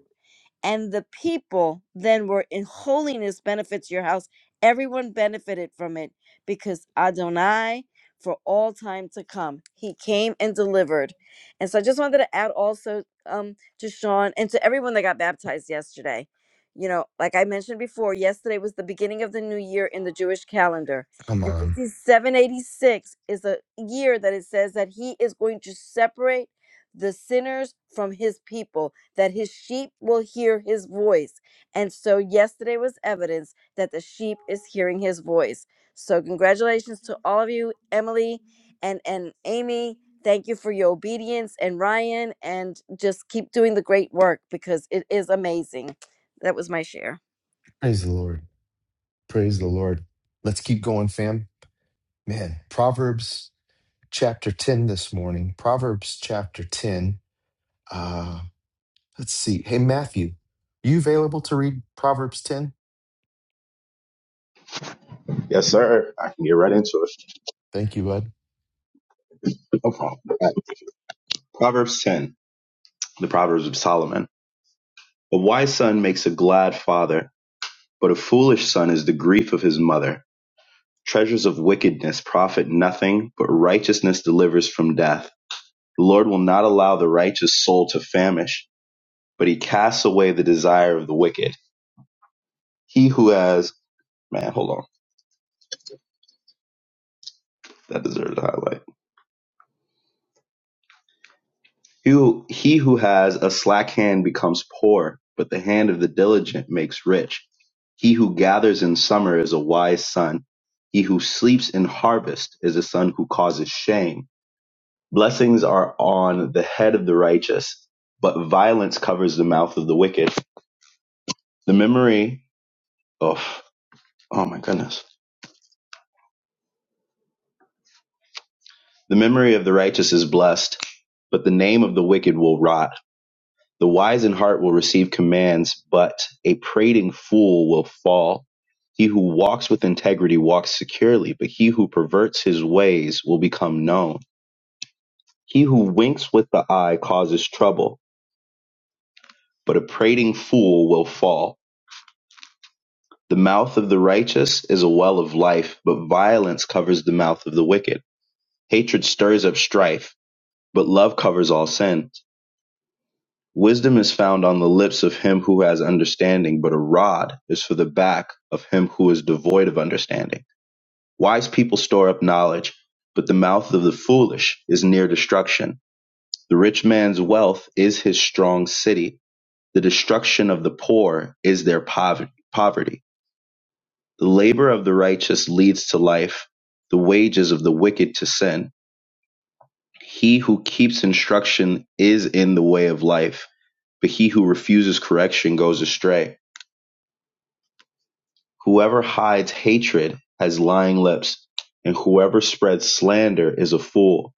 L: and the people then were in holiness benefits your house. Everyone benefited from it because Adonai for all time to come. He came and delivered. And so I just wanted to add also um to Sean and to everyone that got baptized yesterday. You know, like I mentioned before, yesterday was the beginning of the new year in the Jewish calendar.
A: Come
L: And
A: on.
L: 5786 is a year that it says that he is going to separate the sinners from his people, that his sheep will hear his voice. And so yesterday was evidence that the sheep is hearing his voice. So congratulations to all of you, Emily and and Amy. Thank you for your obedience and Ryan and just keep doing the great work because it is amazing. That was my share.
A: Praise the Lord. Praise the Lord. Let's keep going, fam. Man, Proverbs chapter 10 this morning. Proverbs chapter 10. Uh, let's see. Hey, Matthew, you available to read Proverbs 10?
D: Yes, sir. I can get right into it.
A: Thank you, bud.
D: No problem. right. Proverbs ten, the Proverbs of Solomon. A wise son makes a glad father, but a foolish son is the grief of his mother. Treasures of wickedness profit nothing, but righteousness delivers from death. The Lord will not allow the righteous soul to famish, but he casts away the desire of the wicked. He who has man, hold on, that deserves a highlight. He who, he who has a slack hand becomes poor, but the hand of the diligent makes rich. He who gathers in summer is a wise son. He who sleeps in harvest is a son who causes shame. Blessings are on the head of the righteous, but violence covers the mouth of the wicked. The memory of oh my goodness, the memory of the righteous is blessed, but the name of the wicked will rot. The wise in heart will receive commands, but a prating fool will fall. He who walks with integrity walks securely, but he who perverts his ways will become known. He who winks with the eye causes trouble, but a prating fool will fall. The mouth of the righteous is a well of life, but violence covers the mouth of the wicked. Hatred stirs up strife, but love covers all sins. Wisdom is found on the lips of him who has understanding, but a rod is for the back of him who is devoid of understanding. Wise people store up knowledge, but the mouth of the foolish is near destruction. The rich man's wealth is his strong city. The destruction of the poor is their poverty. poverty. The labor of the righteous leads to life, the wages of the wicked to sin. He who keeps instruction is in the way of life, but he who refuses correction goes astray. Whoever hides hatred has lying lips, and whoever spreads slander is a fool.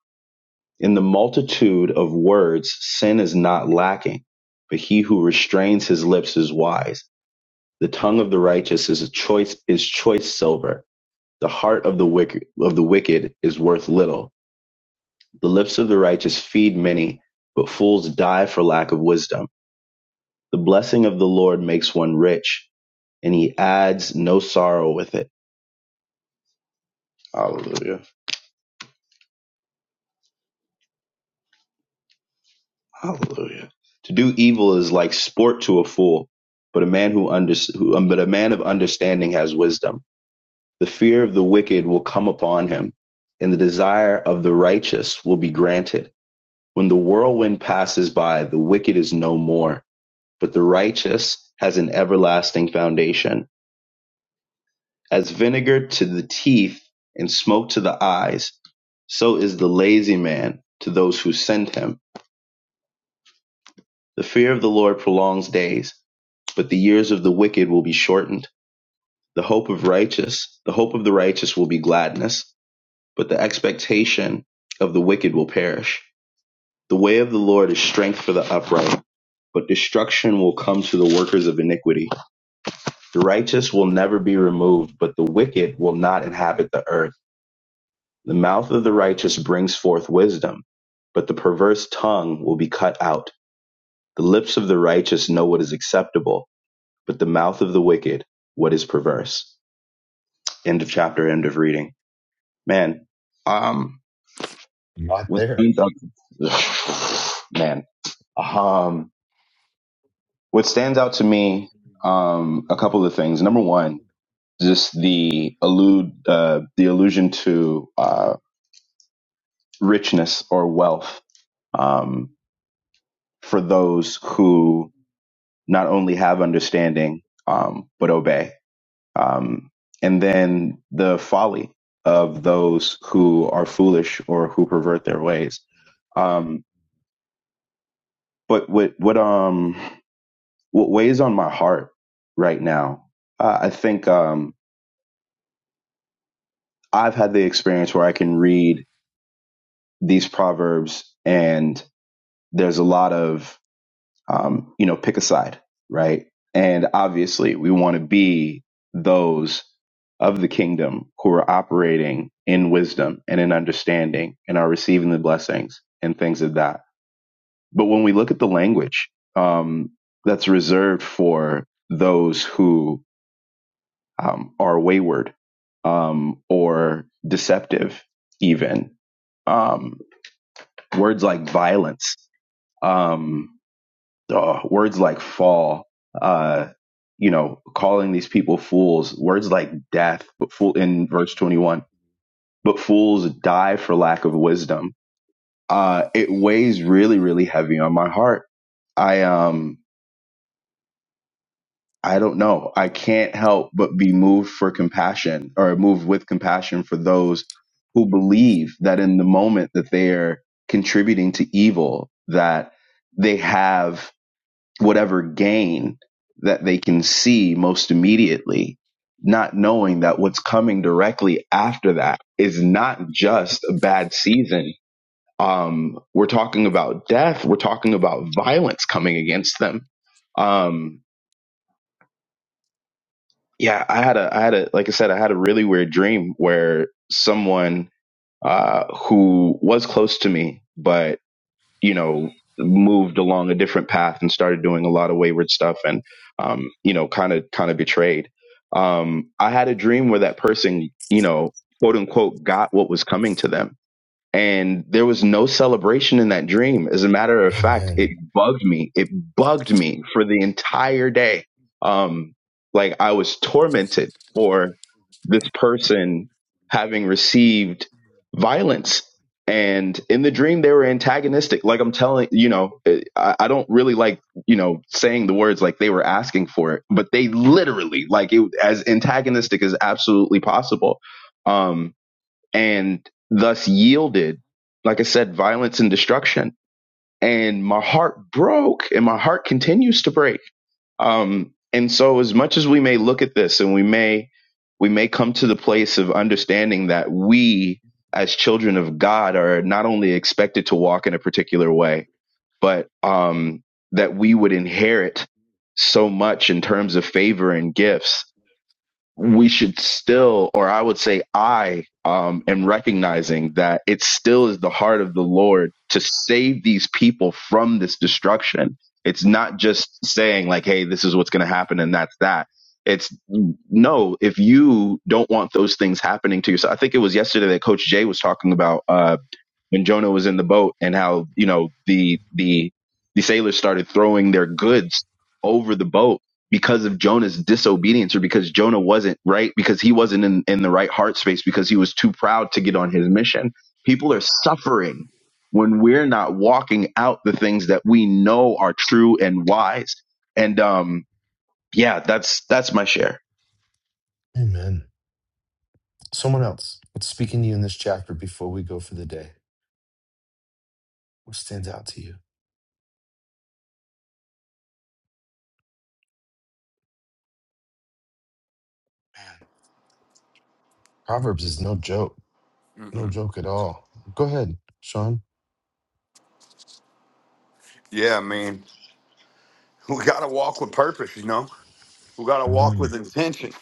D: In the multitude of words, sin is not lacking, but he who restrains his lips is wise. The tongue of the righteous is a choice is choice silver. The heart of the wicked of the wicked is worth little. The lips of the righteous feed many, but fools die for lack of wisdom. The blessing of the Lord makes one rich, and he adds no sorrow with it. Hallelujah. Hallelujah. To do evil is like sport to a fool, but a man who, under, who um, but a man of understanding has wisdom. The fear of the wicked will come upon him, and the desire of the righteous will be granted. When the whirlwind passes by, the wicked is no more, but the righteous has an everlasting foundation. As vinegar to the teeth and smoke to the eyes, so is the lazy man to those who send him. The fear of the Lord prolongs days But the years of the wicked will be shortened. The hope of righteous, the hope of the righteous will be gladness, but the expectation of the wicked will perish. The way of the Lord is strength for the upright, but destruction will come to the workers of iniquity. The righteous will never be removed, but the wicked will not inhabit the earth. The mouth of the righteous brings forth wisdom, but the perverse tongue will be cut out. The lips of the righteous know what is acceptable, but the mouth of the wicked what is perverse. End of chapter, end of reading. Man, um,
A: I'm not
D: what
A: there.
D: stands out, man, um, what stands out to me, um, a couple of things. Number one, just the allude, uh, the allusion to, uh, richness or wealth, um, for those who not only have understanding, um, but obey. Um, and then the folly of those who are foolish or who pervert their ways Um, But what what um what weighs on my heart right now? Uh, I think um I've had the experience where I can read these proverbs and there's a lot of um you know pick a side, right? And obviously we want to be those of the kingdom who are operating in wisdom and in understanding and are receiving the blessings and things of that. But when we look at the language um, that's reserved for those who um, are wayward um, or deceptive, even. Um, words like violence, um, uh, words like fall, uh, you know, calling these people fools, words like death, but fool in verse 21, but fools die for lack of wisdom. Uh, it weighs really, really heavy on my heart. I, um I don't know. I can't help but be moved for compassion or moved with compassion for those who believe that in the moment that they're contributing to evil, that they have whatever gain that they can see most immediately, not knowing that what's coming directly after that is not just a bad season. Um, we're talking about death. We're talking about violence coming against them. Um, yeah i had a i had a like i said i had a really weird dream where someone uh who was close to me but you know moved along a different path and started doing a lot of wayward stuff and um you know kind of kind of betrayed um i had a dream where that person you know quote unquote got what was coming to them and there was no celebration in that dream. As a matter of fact, it
A: Amen.
D: bugged me. It bugged me for the entire day. Um, like I was tormented for this person having received violence. And in the dream, they were antagonistic. Like I'm telling, you know, eh, I, I don't really like, you know, saying the words like they were asking for it, but they literally, like, it as antagonistic as absolutely possible. Um, and thus yielded, like I said, violence and destruction. And my heart broke and my heart continues to break. Um, and so as much as we may look at this and we may, we may come to the place of understanding that we as children of God are not only expected to walk in a particular way, but, um, that we would inherit so much in terms of favor and gifts we should still, or I would say I um, am recognizing that it still is the heart of the Lord to save these people from this destruction. It's not just saying, like, hey, this is what's going to happen and that's that. It's no, if you don't want those things happening to yourself, I think it was yesterday that Coach Jay was talking about. uh, when Jonah was in the boat and how, you know, the the the sailors started throwing their goods over the boat because of Jonah's disobedience or because Jonah wasn't right because he wasn't in, in the right heart space because he was too proud to get on his mission. People are suffering when we're not walking out the things that we know are true and wise. And um yeah, that's that's my share.
A: Amen. Someone else, what's speaking to you in this chapter before we go for the day? What stands out to you? Man, Proverbs is no joke. No
J: Mm-mm.
A: joke at all. Go ahead, Sean.
J: Yeah, man. We got to walk with purpose, you know? We got to walk
A: Mm-hmm.
J: with intention.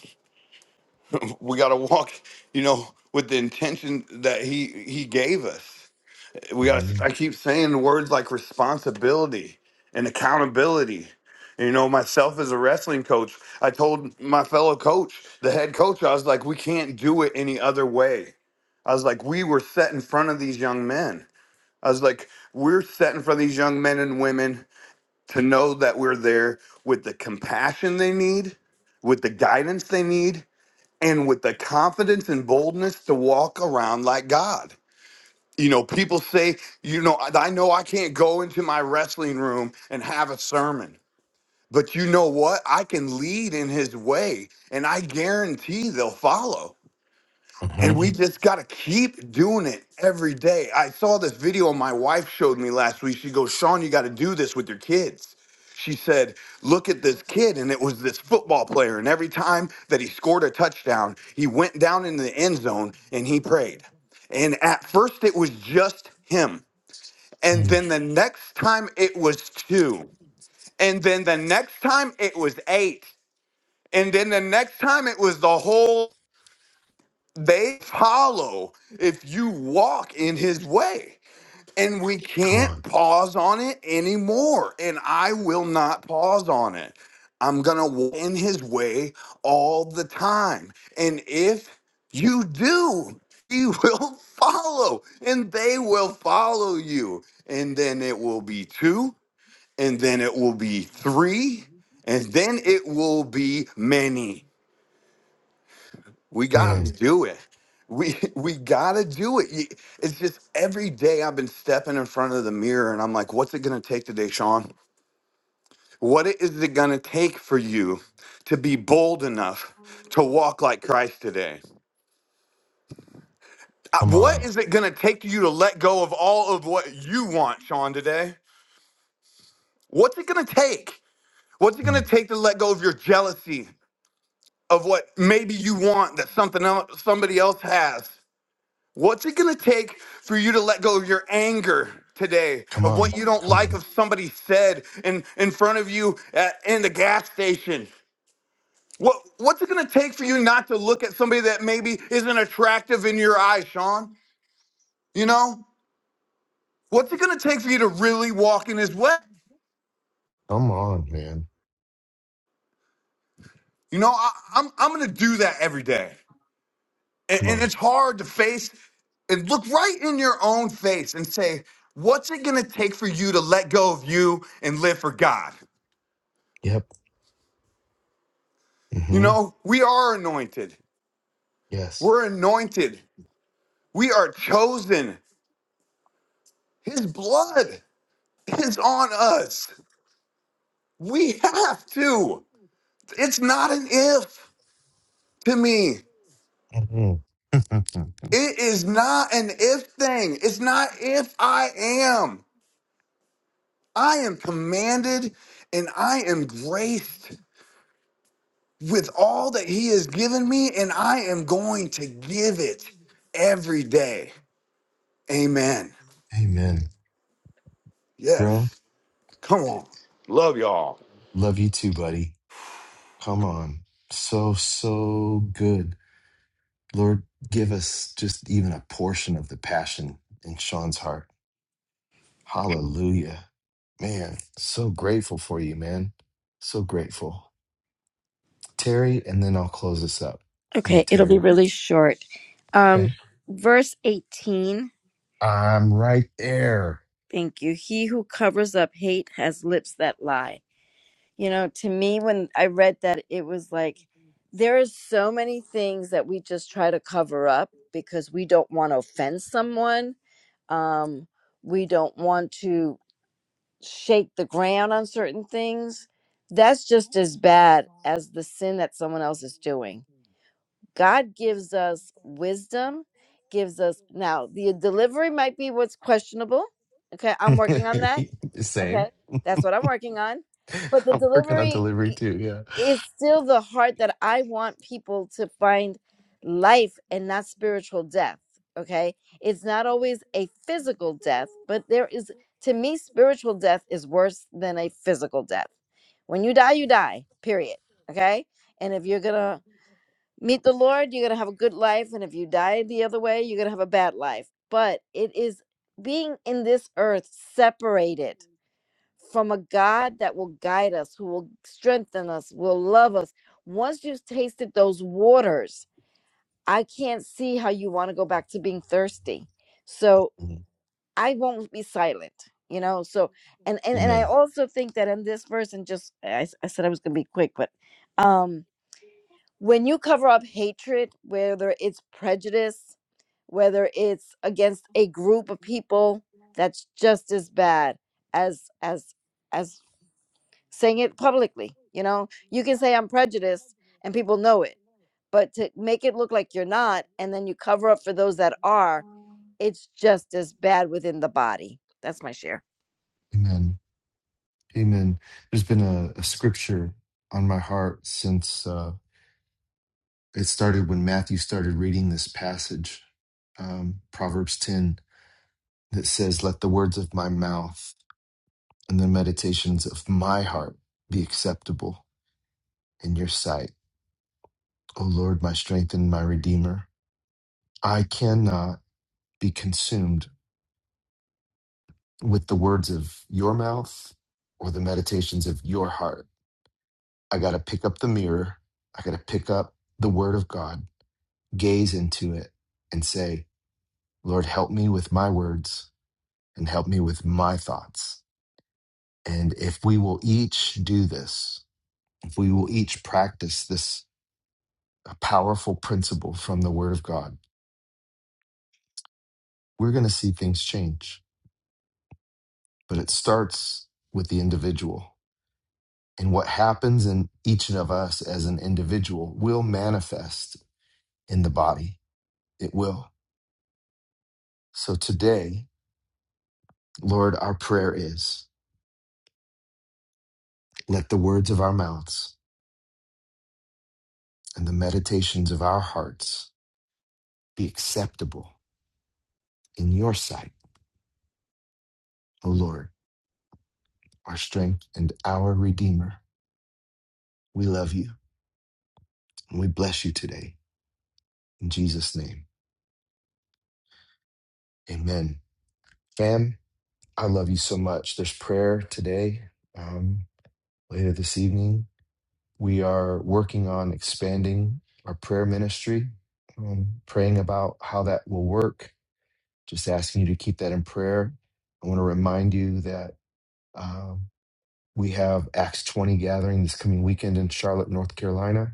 J: We got to walk, you know, with the intention that he he gave us. we got i
A: Mm-hmm.
J: keep saying words like responsibility and accountability And, you know myself as a wrestling coach i told my fellow coach the head coach i was like we can't do it any other way i was like we were set in front of these young men i was like we're set in front of these young men and women to know that we're there with the compassion they need with the guidance they need and with the confidence and boldness to walk around like god you know, people say, you know, I I know I can't go into my wrestling room and have a sermon, but you know what? I can lead in his way and I guarantee they'll follow. And
A: Mm-hmm.
J: we just got to keep doing it every day. I saw this video my wife showed me last week. She goes, Sean, you got to do this with your kids. She said, Look at this kid. And it was this football player. And every time that he scored a touchdown, he went down in the end zone and he prayed. And at first, it was just him. And then the next time it was two. And then the next time it was eight. And then the next time it was the whole they follow if you walk in his way. And we
A: Come
J: can't
A: on.
J: pause on it anymore. And I will not pause on it. I'm going to walk in his way all the time. And if you do, he will follow and they will follow you. And then it will be two and then it will be three, and then it will be many. We gotta
A: Man,
J: do it. We we gotta do it. You- It's just every day I've been stepping in front of the mirror and I'm like, what's it gonna take today, Sean? What is it gonna take for you to be bold enough to walk like Christ today? Uh,
A: come
J: What
A: on.
J: is it gonna take you to let go of all of what you want, Sean, today? What's it gonna take? What's it
A: Mm.
J: gonna take to let go of your jealousy? of what maybe you want that something else somebody else has. What's it gonna take for you to let go of your anger today
A: Come
J: of
A: on.
J: what you don't
A: Come
J: like
A: on.
J: of somebody said in, in front of you at, in the gas station? What what's it gonna take for you not to look at somebody that maybe isn't attractive in your eyes, Sean? You know? What's it gonna take for you to really walk in his way?
A: Come on, man.
J: You know, I, I'm I'm gonna do that every day. And,
A: Come
J: and
A: on.
J: it's hard to face and look right in your own face and say, what's it going to take for you to let go of you and live for God?
A: Yep.
J: You
A: Mm-hmm.
J: know, we are anointed.
A: Yes.
J: We're anointed. We are chosen. His blood is on us. We have to. It's not an if to me.
A: hmm
J: It is not an if thing. It's not if I am. I am commanded and I am graced. with all that he has given me and I am going to give it every day. Amen.
A: Amen. Bro,
J: Yes. Come on. Love y'all.
A: love you too, buddy. Come on. So, so good. Lord, give us just even a portion of the passion in Sean's heart. Hallelujah. Man, so grateful for you, man. So grateful. Terry, and then I'll close this up. Go
L: Okay,
A: ahead,
L: it'll be
A: Terry.
L: really short. Um,
A: Okay.
L: verse 18.
A: I'm right there.
L: Thank you. He who covers up hate has lips that lie. You know, to me, when I read that, it was like there are so many things that we just try to cover up because we don't want to offend someone. Um, we don't want to shake the ground on certain things. That's just as bad as the sin that someone else is doing. God gives us wisdom, gives us now the delivery might be what's questionable. Okay, I'm working on that.
A: Same.
L: Okay, that's what I'm working on. But the
A: I'm working on
L: delivery,
A: delivery too. Yeah.
L: it's still the heart that I want people to find life and not spiritual death. Okay. It's not always a physical death, but there is, to me, spiritual death is worse than a physical death. When you die, you die, period. Okay. And if you're going to meet the Lord, you're going to have a good life. And if you die the other way, you're going to have a bad life. But it is being in this earth separated from a God that will guide us, who will strengthen us, will love us. Once you've tasted those waters, I can't see how you want to go back to being thirsty. So
A: Mm.
L: I won't be silent, you know. So and and, and I
A: Amen.
L: also think that in this verse, and just I, s- I said I was gonna be quick, but um when you cover up hatred, whether it's prejudice, whether it's against a group of people, that's just as bad as as as saying it publicly. You know, you can say I'm prejudiced and people know it, but to make it look like you're not and then you cover up for those that are, it's just as bad within the body. That's my share.
A: Amen. Amen. There's been a, a scripture on my heart since uh, it started when Matthew started reading this passage, um, Proverbs 10, that says, Let the words of my mouth and the meditations of my heart be acceptable in your sight. O Lord, my strength and my redeemer. I cannot be consumed with the words of your mouth or the meditations of your heart I got to pick up the mirror. I got to pick up the word of God, gaze into it, and say, Lord, help me with my words and help me with my thoughts. And if we will each do this, if we will each practice this powerful principle from the word of God, we're going to see things change. But it starts with the individual. And what happens in each of us as an individual will manifest in the body. It will. So today, Lord, our prayer is let the words of our mouths and the meditations of our hearts be acceptable in your sight, O Lord, our strength and our Redeemer. We love you and we bless you today. In Jesus' name, amen. Fam, I love you so much. There's prayer today, um, later this evening. We are working on expanding our prayer ministry, um, praying about how that will work Just asking you to keep that in prayer. I want to remind you that um, we have Acts 20 gathering this coming weekend in Charlotte, North Carolina,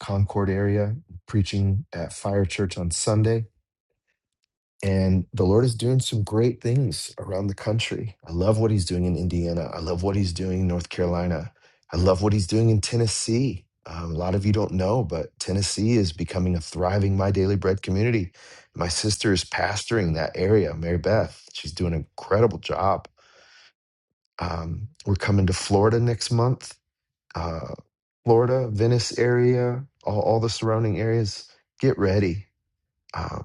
A: Concord area, preaching at Fire Church on Sunday. And the Lord is doing some great things around the country. I love what he's doing in Indiana. I love what he's doing in North Carolina. I love what he's doing in Tennessee. Um, a lot of you don't know, but Tennessee is becoming a thriving My Daily Bread community. My sister is pastoring that area, Mary Beth. She's doing an incredible job. Um, we're coming to Florida next month, uh, Florida, Venice area, all, all the surrounding areas. Get ready. Um,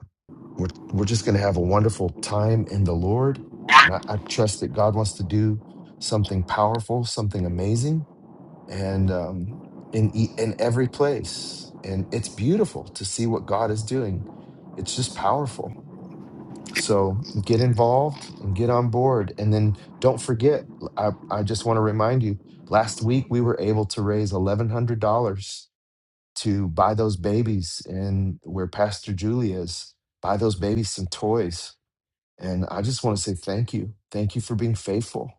A: we're, we're just going to have a wonderful time in the Lord. And I, I trust that God wants to do something powerful, something amazing, and um, in, e- in every place. And it's beautiful to see what God is doing. It's just powerful. So get involved and get on board. And then don't forget, I, I just want to remind you last week we were able to raise $1,100 to buy those babies and where Pastor Julie is, buy those babies some toys and I just want to say thank you. Thank you for being faithful.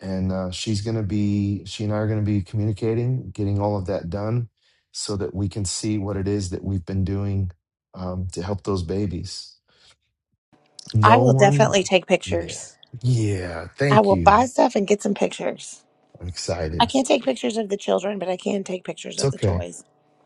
A: And uh, she's going to be, she and I are going to be communicating, getting all of that done so that we can see what it is that we've been doing um, to help those babies.
C: I
A: No
C: will
A: one,
C: definitely take
A: yeah,
C: pictures.
A: yeah,
C: I
A: thank
C: will
A: you.
C: buy stuff and get some pictures.
A: I'm
C: I
A: excited.
C: can't take pictures of the children, but I can take pictures
A: It's
C: of the
A: okay.
C: toys.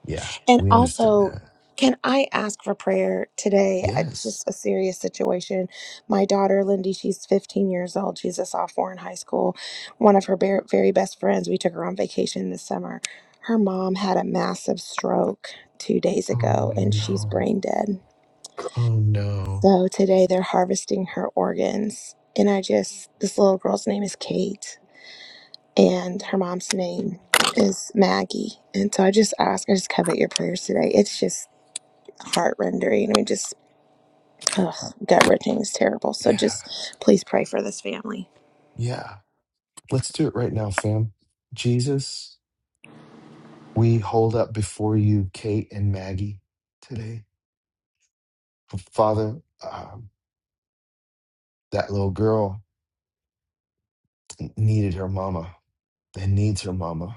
A: Yeah,
C: And
A: we understand
C: also,
A: that.
C: can I ask for prayer today? It's
A: Yes.
C: just a serious situation. My daughter, Lindy, she's 15 years old. She's a sophomore in high school. One of her ber- very best friends, we took her on vacation this summer. Her mom had a massive stroke two days
A: Oh,
C: ago, and she's
A: no.
C: brain dead.
A: Oh, no.
C: So today they're harvesting her organs. And I just, this little girl's name is Kate, and her mom's name is Maggie. And so I just ask, I just covet your prayers today. It's just heart rendering. I mean, just gut wrenching is terrible. So
A: Yeah,
C: just please pray for this family.
A: yeah. Let's do it right now, fam. Jesus, we hold up before you Kate and Maggie today. Father, um, that little girl needed her mama and needs her mama.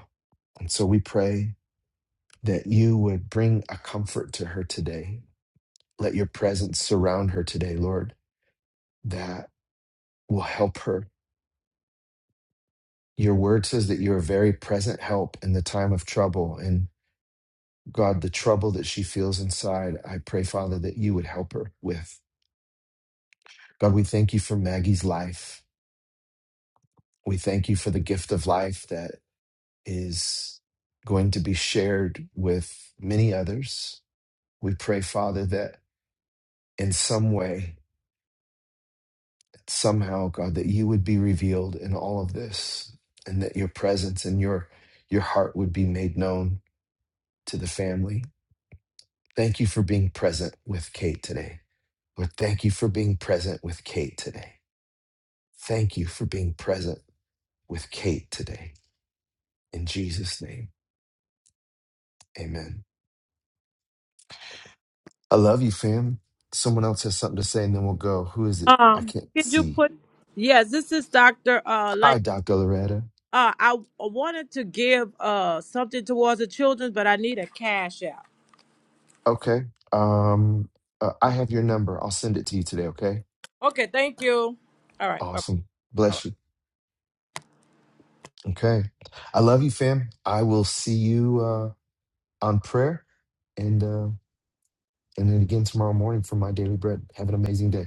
A: And so we pray that you would bring a comfort to her today. Let your presence surround her today, Lord, that will help her. Your word says that you're a very present help in the time of trouble. And God, the trouble that she feels inside, I pray, Father, that you would help her with. God, we thank you for Maggie's life. We thank you for the gift of life that is going to be shared with many others. We pray, Father, that in some way, somehow, God, that you would be revealed in all of this and that your presence and your your heart would be made known to the family. Thank you for being present with Kate today. Lord, thank you for being present with Kate today. Thank you for being present with Kate today. In Jesus' name. Amen. I love you, fam. Someone else has something to say, and then we'll go. Who is it? I
E: Um,
A: can't
E: could you
A: see.
E: put? Yes, this is Doctor. Uh, like,
A: Hi, Dr. Loretta.
E: uh, I wanted to give uh something towards the children, but I need a cash out.
A: Okay. Um, uh, I have your number. I'll send it to you today. Okay.
E: Okay, thank you. All right, bye.
A: Awesome. Bless you. Okay. I love you, fam. I will see you uh, on prayer and uh, and then again tomorrow morning for my daily bread. Have an amazing day.